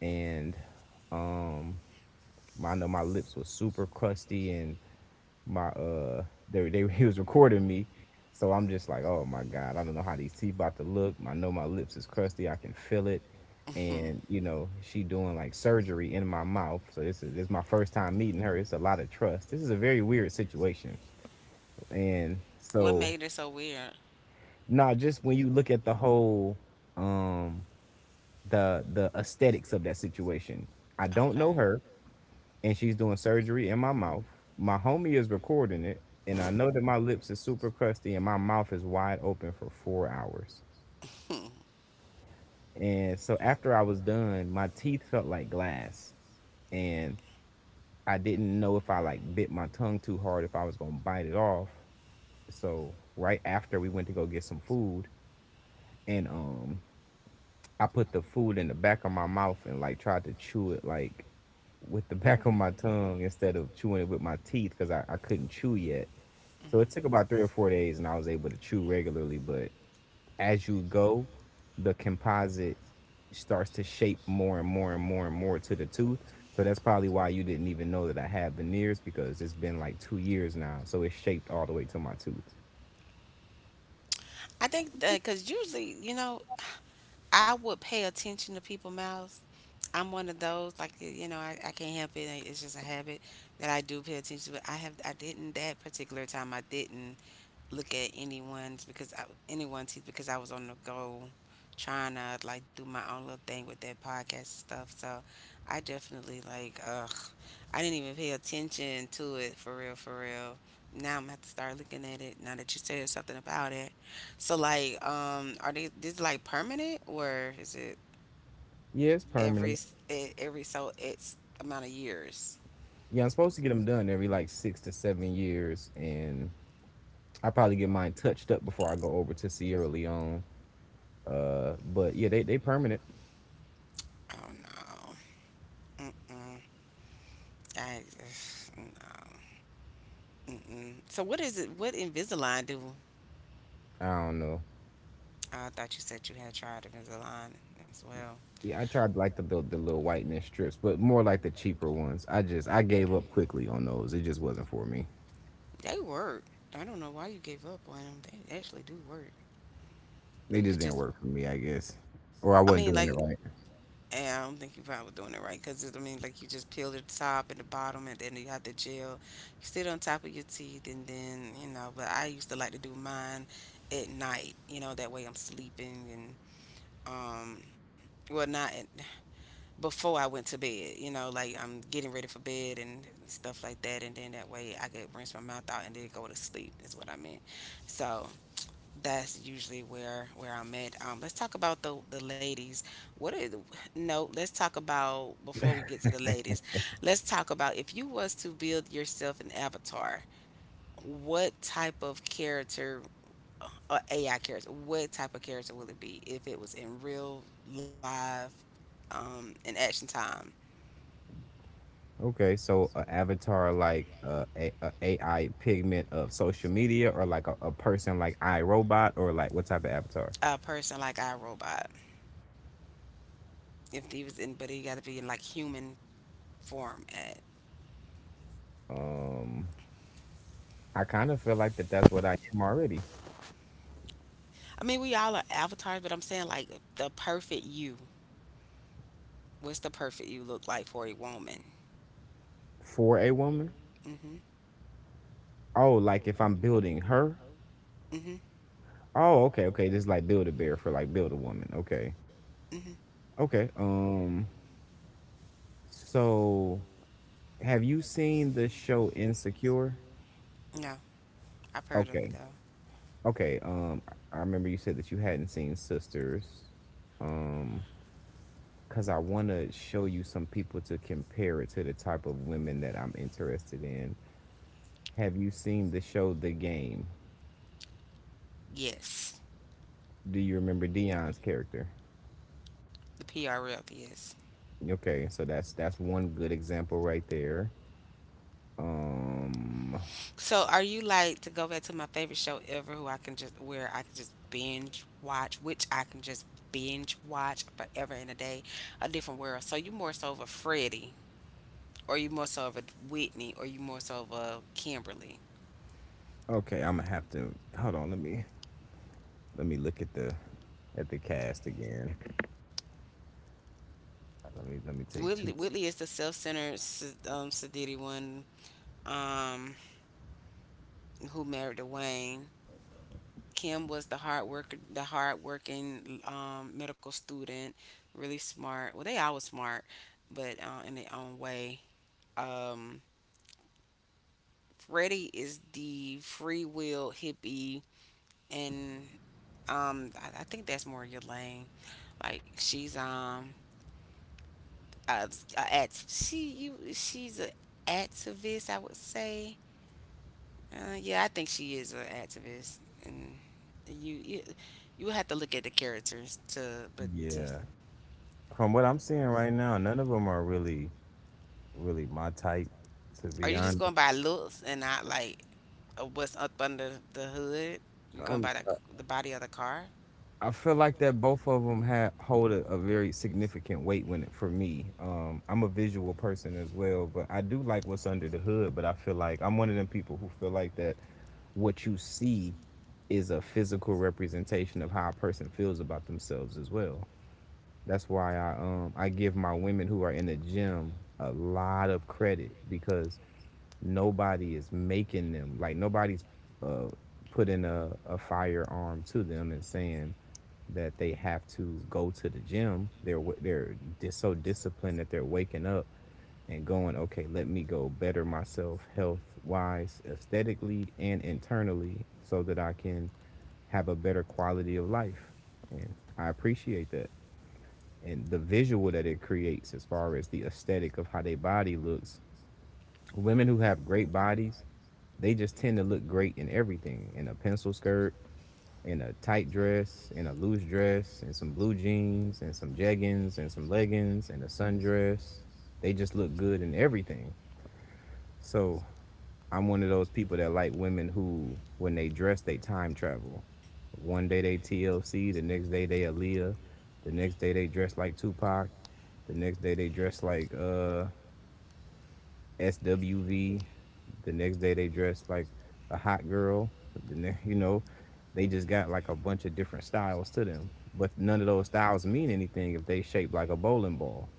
Speaker 2: and um, I know my lips were super crusty, and my they (laughs) he was recording me. So I'm just like, oh my God, I don't know how these teeth about to look. I know my lips is crusty, I can feel it.
Speaker 1: Hmm.
Speaker 2: And you know, she doing like surgery in my mouth. So this is my first time meeting her. It's a lot of trust. This is a very weird situation. And
Speaker 1: What
Speaker 2: so
Speaker 1: made it so weird?
Speaker 2: nah, just when you look at the whole um the aesthetics of that situation. I don't
Speaker 1: Okay.
Speaker 2: know her. And she's doing surgery in my mouth. My homie is recording it, and I know that my lips is super crusty and my mouth is wide open for 4 hours. And so after I was done, my teeth felt like glass, and I didn't know if I like bit my tongue too hard if I was gonna bite it off. So right after we went to go get some food, and I put the food in the back of my mouth and like tried to chew it like with the (laughs) back of my tongue instead of chewing it with my teeth because I couldn't chew yet. So it took
Speaker 1: Mm-hmm.
Speaker 2: about 3 or 4 days, and I was able to chew regularly. But as you go, the composite starts to shape more and more and more and more to the tooth. So that's probably why you didn't even know that I had veneers because it's been like 2 years now. So it's shaped all the way to my tooth.
Speaker 1: I think that because usually, you know, I would pay attention to people's mouths. I'm one of those like you know I can't help it. It's just a habit that I do pay attention to. But I didn't that particular time. I didn't look at anyone's because anyone's teeth because I was on the go trying to like do my own little thing with that podcast and stuff. So I definitely like ugh. I didn't even pay attention to it for real for real. Now I'm gonna have to start looking at it now that you said something about it. So like are they this like permanent or is it
Speaker 2: Yeah, it's permanent.
Speaker 1: every so it's amount of years.
Speaker 2: Yeah, I'm supposed to get them done every like 6 to 7 years, and I probably get mine touched up before I go over to Sierra Leone. But yeah, they permanent.
Speaker 1: Oh no. Mm-mm. I (sighs) no. Mm-mm. So what is it? What Invisalign do?
Speaker 2: I don't know.
Speaker 1: Oh, I thought you said you had tried Invisalign as well.
Speaker 2: Yeah, I tried like the little whitening strips, but more like the cheaper ones. I just I gave up quickly on those. It just wasn't for me.
Speaker 1: They work. I don't know why you gave up on them. They actually do work.
Speaker 2: They
Speaker 1: You
Speaker 2: just
Speaker 1: could
Speaker 2: didn't
Speaker 1: just.
Speaker 2: work for me, I guess,
Speaker 1: I
Speaker 2: or I
Speaker 1: mean,
Speaker 2: wasn't
Speaker 1: like,
Speaker 2: doing it right.
Speaker 1: yeah, I don't think you probably doing it right because I mean, like, you just peel the top and the bottom, and then you have the gel. You sit on top of your teeth, and then you know. But I used to like to do mine at night. You know, that way I'm sleeping and um, well, not at, before I went to bed. You know, like I'm getting ready for bed and stuff like that, and then that way I could rinse my mouth out and then go to sleep. Is what I meant. So that's usually where I'm at. Let's talk about the ladies. What are the, no? Let's talk about before we get to the ladies. Let's talk about if you was to build yourself an avatar, what type of character, or AI character, what type of character will it be if it was in real live, in action time?
Speaker 2: Okay, so an avatar like a AI pigment of social media, or like a person like iRobot, or like what type of avatar?
Speaker 1: A person like iRobot, if he was in, but he got to be in like human form. At
Speaker 2: Um, I kind of feel like that's what I am already
Speaker 1: I mean, we all are avatars, but I'm saying like the perfect you. What's the perfect you look like for a woman?
Speaker 2: for a woman.
Speaker 1: Mm. Mhm.
Speaker 2: Oh, like if I'm building her.
Speaker 1: Mm. Mhm.
Speaker 2: Oh, okay, okay. This is like build a bear for like build a woman. Okay,
Speaker 1: Mm. Mhm.
Speaker 2: okay. So have you seen the show Insecure?
Speaker 1: No, I've heard of it
Speaker 2: Okay,
Speaker 1: though.
Speaker 2: okay. I remember you said that you hadn't seen Sisters. Um, because I want to show you some people to compare it to the type of women that I'm interested in. Have you seen the show The Game?
Speaker 1: Yes,
Speaker 2: Do you remember Dion's character?
Speaker 1: the PR rep. Yes.
Speaker 2: Okay, so that's one good example right there. Um
Speaker 1: So, are you like to go back to my favorite show ever, who I can just where I can just binge watch, which I can just binge watch forever and a day, A Different World. So you more so of a Freddie, or you more so of a Whitney, or you more so of a Kimberly.
Speaker 2: okay, I'm gonna have to hold on, let me look at the cast again. Let me take
Speaker 1: Whitley,
Speaker 2: two.
Speaker 1: Whitley is the self-centered sadity one um, who married Dwayne. Kim was the hard worker, the hard working medical student, really smart. Well, they all was smart, but in their own way. Um, Freddie is the free will hippie, and I think that's more your lane. Like she's a, a act- she you she's a activist, I would say. Yeah, I think she is an activist, and you you you have to look at the characters to but to.
Speaker 2: Yeah. From what I'm seeing right now, none of them are really really my type to
Speaker 1: Are
Speaker 2: be
Speaker 1: you just
Speaker 2: honest.
Speaker 1: going by looks and not like what's up under the hood? You're going
Speaker 2: Um
Speaker 1: by the body of the car.
Speaker 2: I feel like that both of them had hold a very significant weight when it for me. I'm a visual person as well, but I do like what's under the hood, but I feel like I'm one of them people who feel like that what you see is a physical representation of how a person feels about themselves as well. That's why I give my women who are in the gym a lot of credit because nobody is making them like nobody's uh, putting a firearm to them and saying that they have to go to the gym. They're so disciplined that they're waking up and going, okay, let me go better myself health wise, aesthetically, and internally so that I can have a better quality of life. And I appreciate that. And the visual that it creates, as far as the aesthetic of how their body looks, women who have great bodies, they just tend to look great in everything in a pencil skirt, in a tight dress, in a loose dress, in some blue jeans, and some jeggings, and some leggings, and a sundress. They just look good in everything. So I'm one of those people that like women who, when they dress, they time travel. One day they TLC, the next day they Aaliyah, the next day they dress like Tupac, the next day they dress like SWV, the next day they dress like a hot girl. You know, they just got like a bunch of different styles to them, but none of those styles mean anything if they shaped like a bowling ball.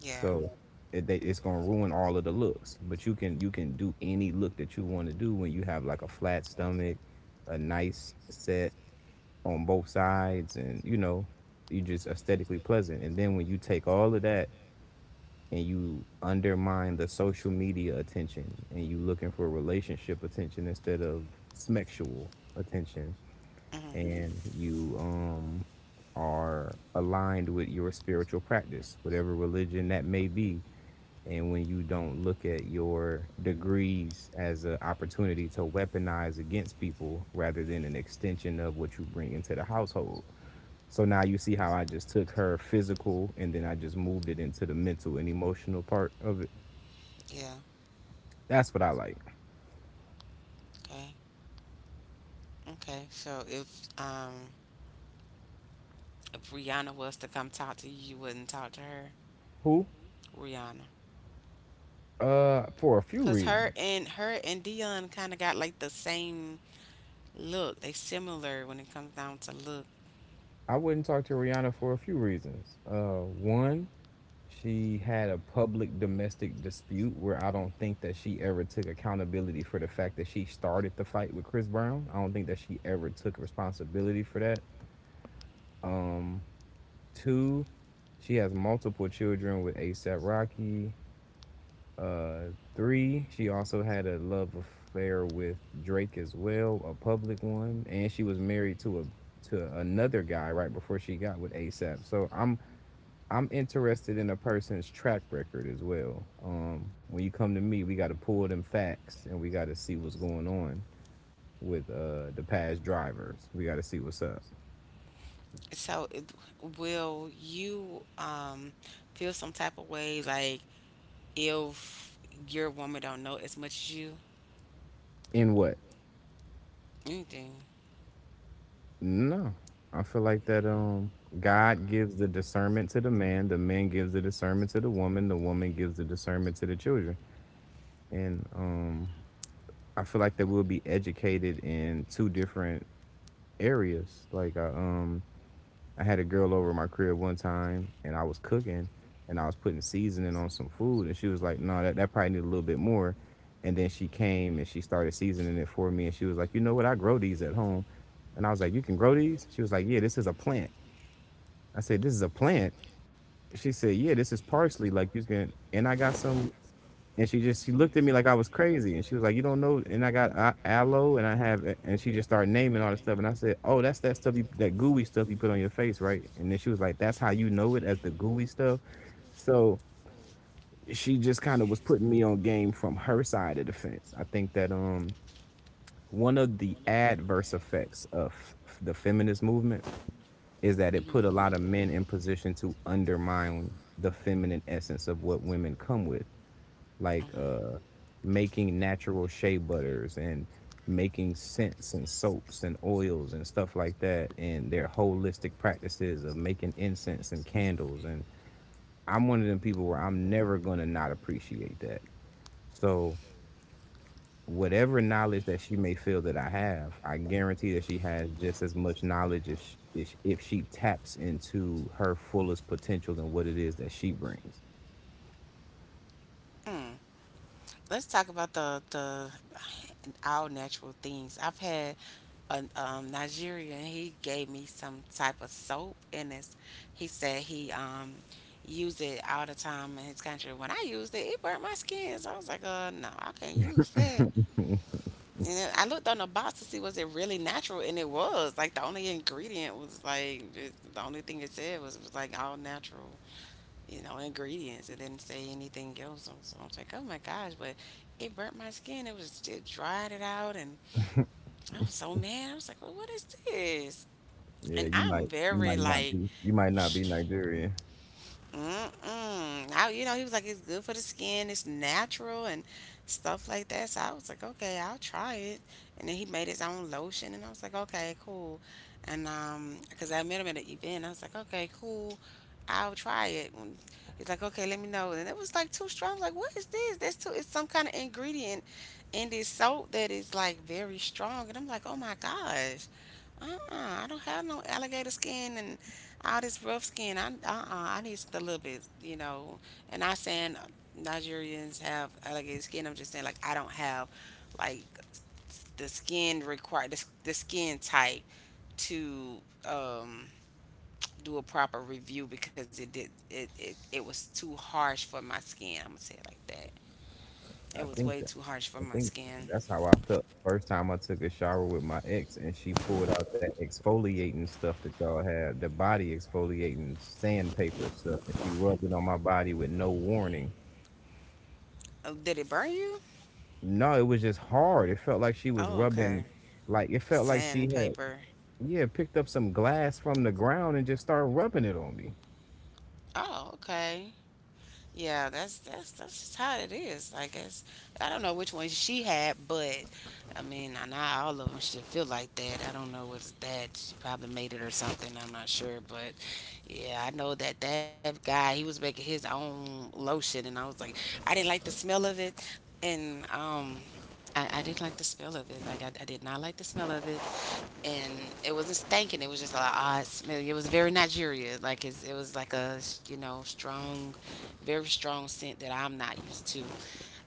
Speaker 1: Yeah.
Speaker 2: So it's gonna ruin all of the looks. But you can do any look that you want to do when you have like a flat stomach, a nice set on both sides, and you know, you just aesthetically pleasant. And then when you take all of that and you undermine the social media attention and you looking for relationship attention instead of smexual attention
Speaker 1: Hmm.
Speaker 2: and you are aligned with your spiritual practice whatever religion that may be and when you don't look at your degrees as an opportunity to weaponize against people rather than an extension of what you bring into the household. So now you see how I just took her physical and then I just moved it into the mental and emotional part of it.
Speaker 1: Yeah.
Speaker 2: That's what I like.
Speaker 1: Okay. Okay. So if Rihanna was to come talk to you, you wouldn't talk to her.
Speaker 2: Who?
Speaker 1: Rihanna.
Speaker 2: For a few
Speaker 1: Cause her
Speaker 2: reasons.
Speaker 1: and her and Dion kind of got like the same look. They similar when it comes down to look.
Speaker 2: I wouldn't talk to Rihanna for a few reasons. One, she had a public domestic dispute where I don't think that she ever took accountability for the fact that she started the fight with Chris Brown. I don't think that she ever took responsibility for that. Um, two, she has multiple children with ASAP Rocky. Three, she also had a love affair with Drake as well, a public one, and she was married to a to another guy right before she got with ASAP. So I'm interested in a person's track record as well. When you come to me, we got to pull them facts and we got to see what's going on with the past drivers. We got to see what's up.
Speaker 1: So, it- will you feel some type of way like if your woman don't know as much as you,
Speaker 2: In what?
Speaker 1: anything.
Speaker 2: No, I feel like that God gives the discernment to the man gives the discernment to the woman gives the discernment to the children, and I feel like that we'll be educated in two different areas. Like I had a girl over at my crib one time and I was cooking and I was putting seasoning on some food and she was like, no, that probably need a little bit more. And then she came and she started seasoning it for me and she was like, you know what, I grow these at home. And I was like, you can grow these? She was like, yeah, this is a plant. I said, this is a plant. She said, yeah, this is parsley. Like you can and I got some and she just she looked at me like I was crazy, and she was like, "You don't know." And I got aloe, and I have, and she just started naming all this stuff, and I said, "Oh, that's that stuff, you, that gooey stuff you put on your face, right?" And then she was like, "That's how you know it as the gooey stuff." So she just kind of was putting me on game from her side of the fence. I think that one of the adverse effects of the feminist movement is that
Speaker 1: Hmm.
Speaker 2: it put a lot of men in position to undermine the feminine essence of what women come with like
Speaker 1: Hmm.
Speaker 2: making natural shea butters and making scents and soaps and oils and stuff like that and their holistic practices of making incense and candles and I'm one of them people where I'm never going to not appreciate that. So whatever knowledge that she may feel that I have, I guarantee that she has just as much knowledge as if she taps into her fullest potential and what it is that she brings.
Speaker 1: Mm. Let's talk about the all natural things. I've had a Nigerian. He gave me some type of soap, and it's he said he used it all the time in his country. When I used it, it burnt my skin. So I was like, no, I can't use that.
Speaker 2: (laughs)
Speaker 1: And then I looked on the box to see was it really natural, and it was. Like the only ingredient was like it, the only thing it said was like all natural, you know, ingredients. It didn't say anything else. So I was like, oh my gosh! But it burnt my skin. It was it dried it out, and I was so mad. I was like, well, what is this?
Speaker 2: Yeah,
Speaker 1: And I'm
Speaker 2: you
Speaker 1: very
Speaker 2: might not
Speaker 1: like
Speaker 2: be you might not be Nigerian.
Speaker 1: Mm-mm. Now, you know, he was like, it's good for the skin, it's natural and stuff like that. So I was like, okay, I'll try it. And then he made his own lotion, and I was like, okay, cool. And because I met him at an event, I was like, okay, cool, I'll try it. And he's like, okay, let me know. And it was like too strong. I was like, what is this? That's too. It's some kind of ingredient in this soap that is like very strong. And I'm like, oh my gosh. Uh-uh, I don't have no alligator skin and all this rough skin, I uh-uh, I need a little bit, you know. And not saying Nigerians have alligator skin. I'm just saying like I don't have like the skin required, the skin type to um do a proper review because it did it, it it was too harsh for my skin. I'm gonna say it like that. It
Speaker 2: I
Speaker 1: was
Speaker 2: think
Speaker 1: way
Speaker 2: that
Speaker 1: too harsh for
Speaker 2: I
Speaker 1: my
Speaker 2: think
Speaker 1: skin.
Speaker 2: that's how I felt the first time I took a shower with my ex and she pulled out that exfoliating stuff that y'all had, the body exfoliating sandpaper stuff, and she rubbed it on my body with no warning.
Speaker 1: Oh, did it burn you?
Speaker 2: No, it was just hard. It felt like she was
Speaker 1: Oh, okay.
Speaker 2: rubbing like it felt like she had
Speaker 1: Sandpaper.
Speaker 2: yeah, picked up some glass from the ground and just started rubbing it on me.
Speaker 1: Oh, okay. Yeah, that's just how it is. I guess I don't know which one she had, but I mean, I not all of them should feel like that. I don't know what's that. She probably made it or something. I'm not sure, but yeah, I know that that guy he was making his own lotion, and I was like, I didn't like the smell of it, and I didn't like the smell of it. Like I did not like the smell of it and it wasn't stinking. It was just like odd smell. It was very Nigeria. Like it was like a you know strong, very strong scent that I'm not used to,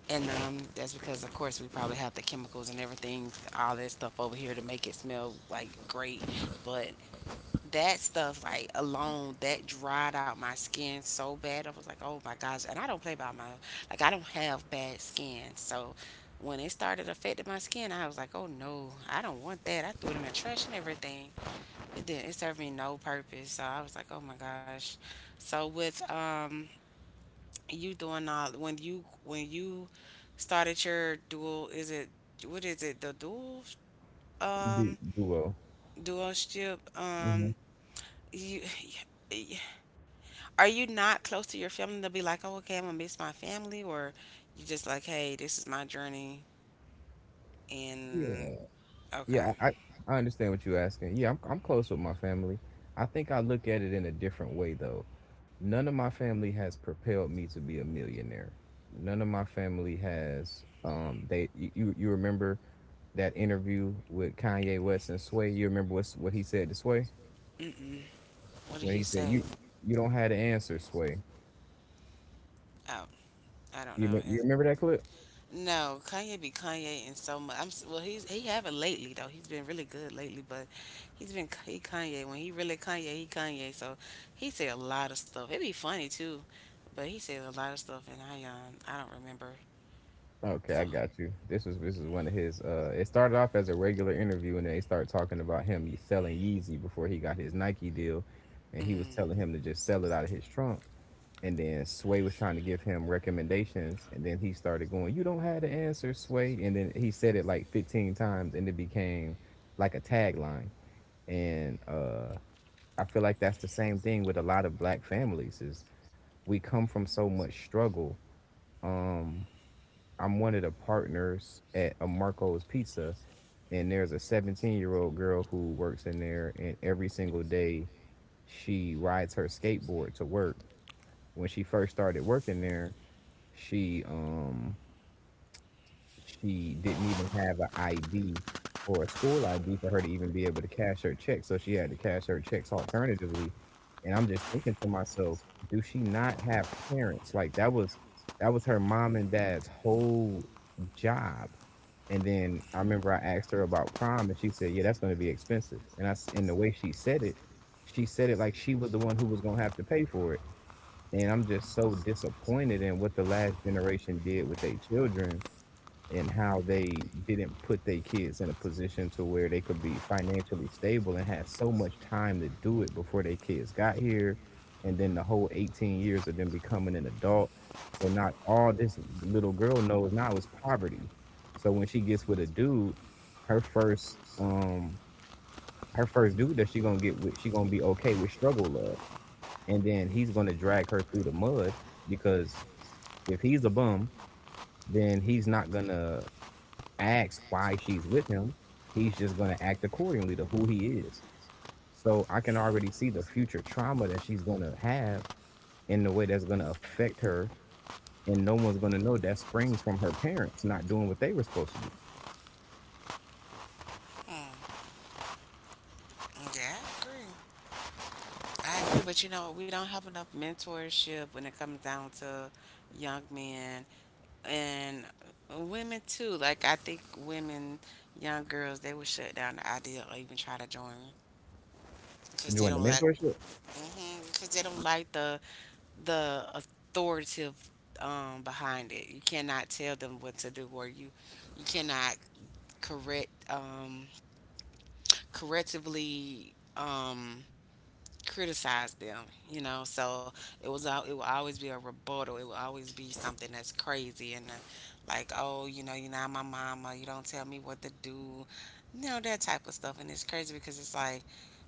Speaker 1: and that's because of course we probably have the chemicals and everything, all that stuff over here to make it smell like great. But that stuff like alone that dried out my skin so bad. I was like, oh my gosh. And I don't play about my like I don't have bad skin. So when it started affecting my skin, I was like, oh no, I don't want that. I threw it in the trash and everything. It didn't it served me no purpose. So I was like, oh my gosh. So with you doing all when you started your dual is it what is it the dual
Speaker 2: Du-
Speaker 1: um
Speaker 2: Duo.
Speaker 1: dual ship
Speaker 2: Hmm.
Speaker 1: you (sighs) are you not close to your family to be like, oh, okay, I'm gonna miss my family, or you just like, hey, this is my journey,
Speaker 2: Yeah.
Speaker 1: and
Speaker 2: Yeah,
Speaker 1: okay,
Speaker 2: I understand what you're asking. Yeah, I'm close with my family. I think I look at it in a different way though. None of my family has propelled me to be a millionaire. None of my family has they you you remember that interview with Kanye West and Sway? You remember what he said to Sway?
Speaker 1: mm-mm. What did
Speaker 2: When
Speaker 1: he
Speaker 2: he said
Speaker 1: say?
Speaker 2: you don't have the answer, Sway.
Speaker 1: Oh, I don't
Speaker 2: You
Speaker 1: know.
Speaker 2: me- you
Speaker 1: It,
Speaker 2: remember that clip?
Speaker 1: no, Kanye be Kanye and so much. Well, he haven't lately though. He's been really good lately, but he's been he Kanye when he really Kanye he Kanye. So he said a lot of stuff. It'd be funny too, but he said a lot of stuff, and I don't remember.
Speaker 2: Okay, I
Speaker 1: So.
Speaker 2: got you. This is one of his. It started off as a regular interview, and then they started talking about him selling Yeezy before he got his Nike deal, and he was
Speaker 1: Mm.
Speaker 2: telling him to just sell it out of his trunk. And then Sway was trying to give him recommendations, and then he started going, "You don't have the answer, Sway." And then he said it like 15 times, and it became like a tagline. And I feel like that's the same thing with a lot of black families: is we come from so much struggle. Um, I'm one of the partners at a Marco's Pizza, and there's a 17-year-old girl who works in there, and every single day she rides her skateboard to work. When she first started working there, she she didn't even have an ID or a school ID for her to even be able to cash her checks, so she had to cash her checks alternatively. And I'm just thinking to myself, do she not have parents? Like that was her mom and dad's whole job. And then I remember I asked her about prom, and she said, "Yeah, that's going to be expensive." And and the way she said it like she was the one who was going to have to pay for it. And I'm just so disappointed in what the last generation did with their children and how they didn't put their kids in a position to where they could be financially stable and had so much time to do it before their kids got here and then the whole 18 years of them becoming an adult. So not all this little girl knows now is poverty. So when she gets with a dude, her first her first dude that she gonna get with, she gonna be okay with struggle love, and then he's gonna drag her through the mud, because if he's a bum, then he's not gonna asked why she's with him, he's just going to act accordingly to who he is. So I can already see the future trauma that she's going to have in the way that's going to affect her. And no one's going to know that springs from her parents not doing what they were supposed to do.
Speaker 1: Mm, yeah, I agree. I agree, but you know, we don't have enough mentorship when it comes down to young men and women too. Like I think women, young girls, they would shut down the idea or even try to join because they
Speaker 2: Join the
Speaker 1: don't like,
Speaker 2: mentorship.
Speaker 1: mm because they don't like the authoritative behind it. You cannot tell them what to do, or you cannot correct correctively criticize them. You know, so it will always be a rebuttal. It will always be something that's crazy and like, oh, you know, you're not my mama. You don't tell me what to do. You know that type of stuff, and it's crazy because it's like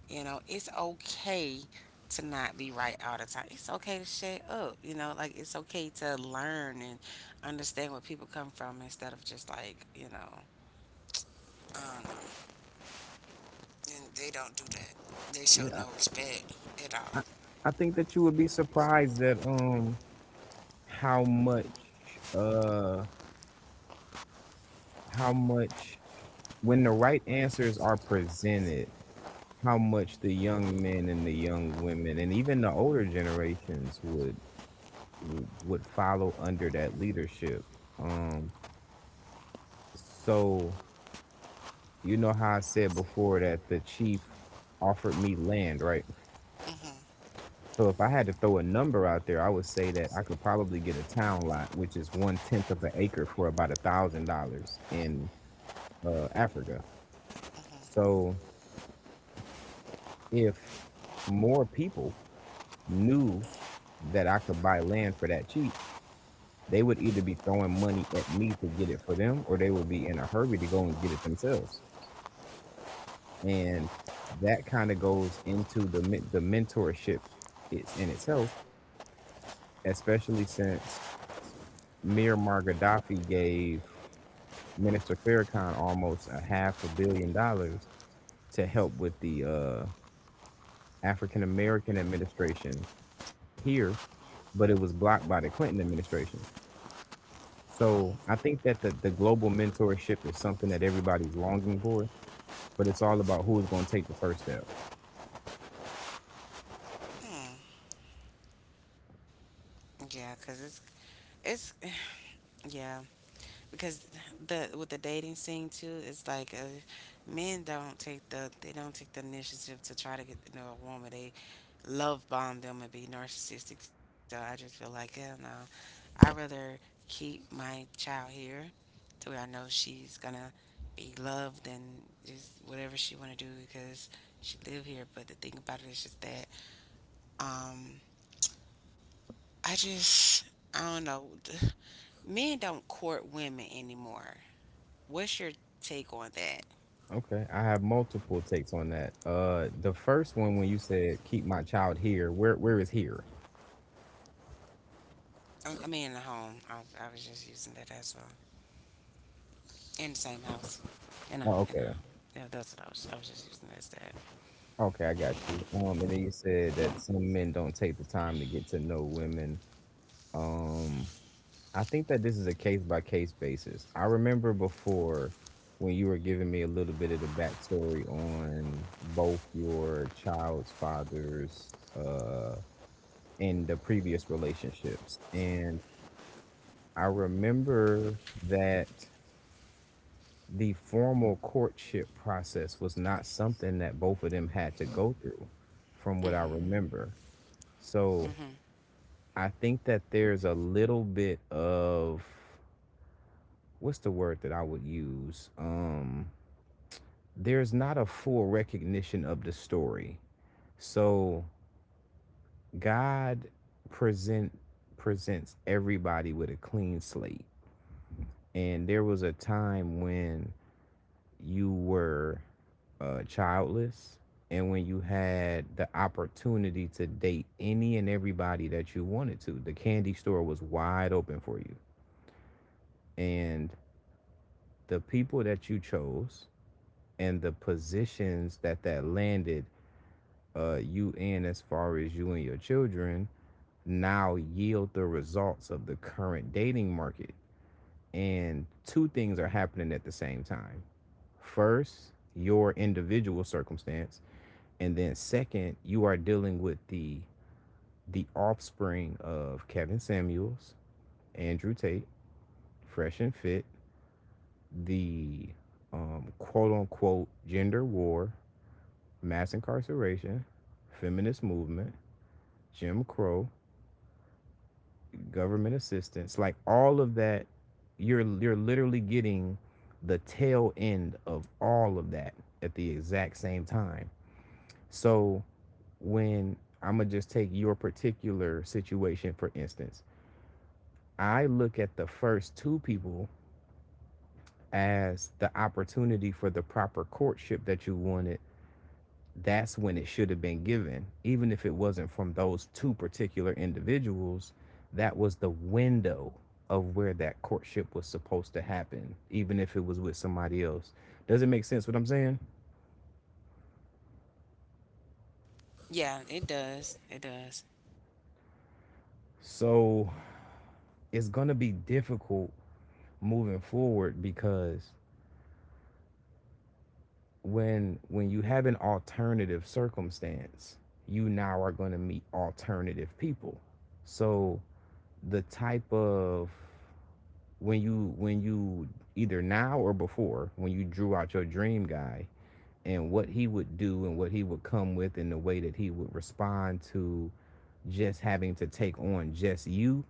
Speaker 1: you know, it's okay to not be right all the time. It's okay to shut up. You know, like it's okay to learn and understand where people come from instead of just like, you know. Um, and they don't do that. They show
Speaker 2: Yeah,
Speaker 1: no respect at all.
Speaker 2: I, I think that you would be surprised that how much uh how much when the right answers are presented, how much the young men and the young women and even the older generations would follow under that leadership. Um, so you know how I said before that the chief offered me land, right? So if I had to throw a number out there, I would say that I could probably get a town lot, which is one tenth of an acre, for about $1,000 in Africa. So if more people knew that I could buy land for that cheap, they would either be throwing money at me to get it for them, or they would be in a hurry to go and get it themselves. And that kind of goes into the mentorship it's in itself, especially since Miramar Gaddafi gave Minister Farrakhan almost a half a billion dollars to help with the African American administration here, but it was blocked by the Clinton administration. So I think that the global mentorship is something that everybody's longing for, but it's all about who's going to take the first step.
Speaker 1: Hmm. Yeah, cause it's yeah. Because the with the dating scene too, it's like men don't take they don't take the initiative to try to get to know a woman. They love bomb them and be narcissistic. So I just feel like hell no, I rather keep my child here to where I know she's gonna be loved and just whatever she want to do because she live here. But the thing about it is just that um I just I don't know. (sighs) Men don't court women anymore. What's your take on that?
Speaker 2: Okay, I have multiple takes on that. The first one, when you said keep my child here, where is here?
Speaker 1: I mean, in the home. I was just using that as a in the same house,
Speaker 2: Oh,
Speaker 1: in a
Speaker 2: okay,
Speaker 1: home. Yeah, that's what I was. I was just using it as that.
Speaker 2: okay, I got you. And then you said that some men don't take the time to get to know women. Um, I think that this is a case by case basis. I remember before when you were giving me a little bit of the backstory on both your child's fathers, uh, in the previous relationships. And I remember that the formal courtship process was not something that both of them had to go through, from what I
Speaker 1: Mhm.
Speaker 2: remember. So
Speaker 1: Mhm.
Speaker 2: I think that there's a little bit of what's the word that I would use? There's not a full recognition of the story. So God present presents everybody with a clean slate. And there was a time when you were childless, and when you had the opportunity to date any and everybody that you wanted to. The candy store was wide open for you. And the people that you chose and the positions that that landed you in as far as you and your children now yield the results of the current dating market. And two things are happening at the same time. First, your individual circumstance, and then second, you are dealing with the offspring of Kevin Samuels, Andrew Tate, Fresh and Fit, the quote unquote gender war, mass incarceration, feminist movement, Jim Crow, government assistance, like all of that. You're literally getting the tail end of all of that at the exact same time. So when, I'm going to just take your particular situation, for instance, I look at the first two people as the opportunity for the proper courtship that you wanted. That's when it should have been given. Even if it wasn't from those two particular individuals, that was the window of where that courtship was supposed to happen, even if it was with somebody else. Does it make sense what I'm saying?
Speaker 1: Yeah, it does. It does.
Speaker 2: So it's going to be difficult moving forward, because when you have an alternative circumstance, you now are going to meet alternative people. So the type of when you either now or before when you drew out your dream guy and what he would do and what he would come with and the way that he would respond to just having to take on just you,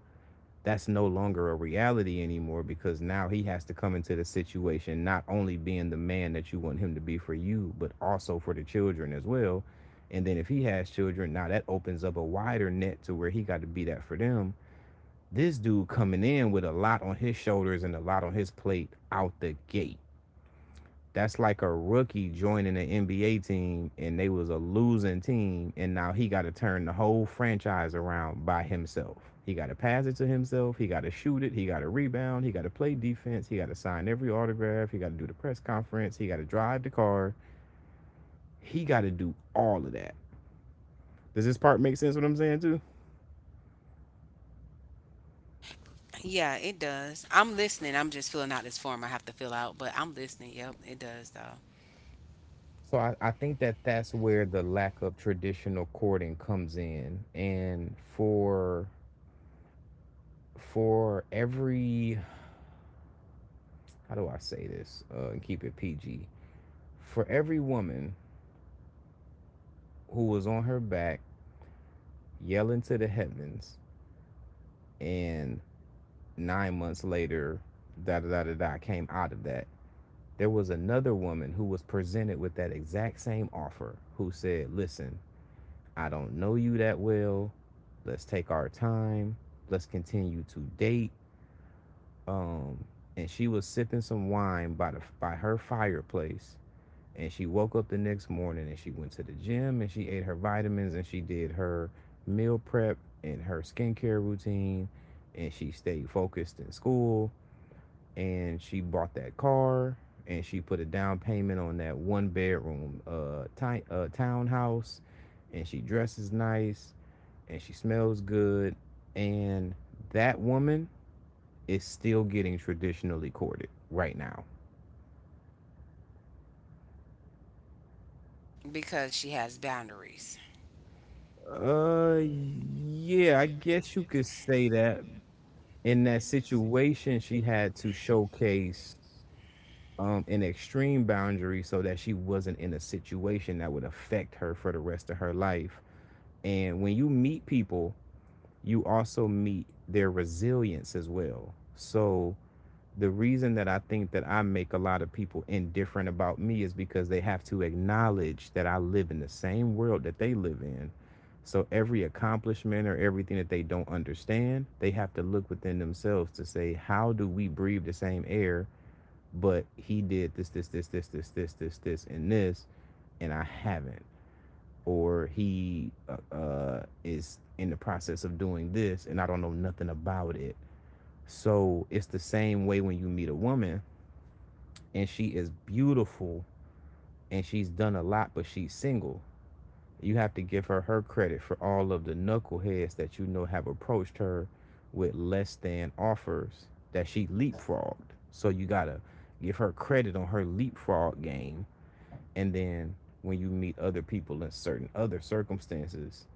Speaker 2: that's no longer a reality anymore, because now he has to come into the situation not only being the man that you want him to be for you, but also for the children as well. And then if he has children, now that opens up a wider net to where he got to be that for them. This dude coming in with a lot on his shoulders and a lot on his plate out the gate. That's like a rookie joining an NBA team and they was a losing team and now he got to turn the whole franchise around by himself. He got to pass it to himself, he got to shoot it, he got to rebound, he got to play defense, he got to sign every autograph, he got to do the press conference, he got to drive the car. He got to do all of that. Does this part make sense what I'm saying too?
Speaker 1: Yeah, it does. I'm listening. I'm just filling out this form I have to fill out, but I'm listening. Yep, it does though
Speaker 2: So I think that that's where the lack of traditional courting comes in. And for every, how do I say this and keep it PG? For every woman who was on her back yelling to the heavens, and 9 months later, da da da da da came out of that. There was another woman who was presented with that exact same offer who said, "Listen, I don't know you that well. Let's take our time. Let's continue to date." Um, and she was sipping some wine by the by her fireplace. And she woke up the next morning and she went to the gym and she ate her vitamins and she did her meal prep and her skincare routine, and she stayed focused in school, and she bought that car, and she put a down payment on that one bedroom townhouse, and she dresses nice and she smells good, and that woman is still getting traditionally courted right now.
Speaker 1: because she has boundaries.
Speaker 2: Uh, yeah, I guess you could say that. In that situation, she had to showcase an extreme boundary so that she wasn't in a situation that would affect her for the rest of her life. And when you meet people, you also meet their resilience as well. So the reason that I think that I make a lot of people indifferent about me is because they have to acknowledge that I live in the same world that they live in. So every accomplishment or everything that they don't understand, they have to look within themselves to say, how do we breathe the same air? But he did this, this, this, this, this, this, this, this, and this, and I haven't. Or he is in the process of doing this, and I don't know nothing about it. So it's the same way when you meet a woman and she is beautiful and she's done a lot, but she's single. You have to give her her credit for all of the knuckleheads that you know have approached her with less than offers that she leapfrogged. So you gotta give her credit on her leapfrog game. And then when you meet other people in certain other circumstances,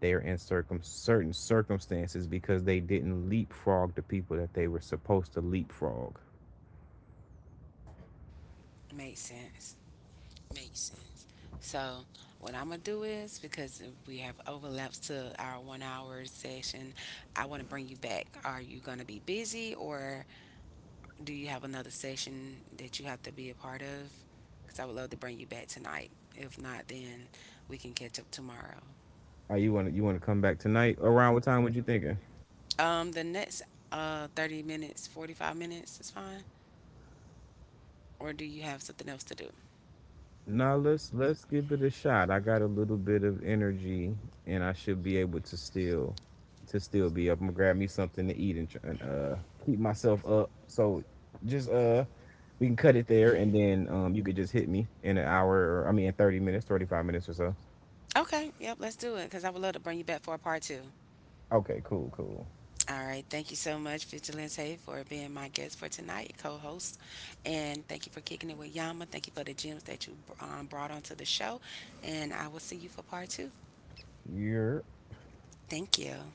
Speaker 2: they are in certain circumstances because they didn't leapfrog the people that they were supposed to leapfrog.
Speaker 1: Makes sense. Makes sense. So what I'm gonna do is because we have overlaps to our 1 hour session, I want to bring you back. Are you gonna be busy or do you have another session that you have to be a part of? Because I would love to bring you back tonight. If not, then we can catch up tomorrow.
Speaker 2: Are you want to You want to come back tonight? Around what time were you thinking?
Speaker 1: The next 30 minutes, 45 minutes is fine. Or do you have something else to do?
Speaker 2: Now let's give it a shot. I got a little bit of energy, and I should be able to still be up. I'm gonna grab me something to eat, and keep myself up. So just we can cut it there, and then you could just hit me in an hour, or I mean in 30 minutes, 35 minutes or so.
Speaker 1: Okay, yep, let's do it because I would love to bring you back for a part two.
Speaker 2: Okay, cool, cool.
Speaker 1: All right. Thank you so much, Vigilante, for being my guest for tonight, co host. And thank you for kicking it with Yama. Thank you for the gems that you brought onto the show. And I will see you for part two.
Speaker 2: You're
Speaker 1: Thank you.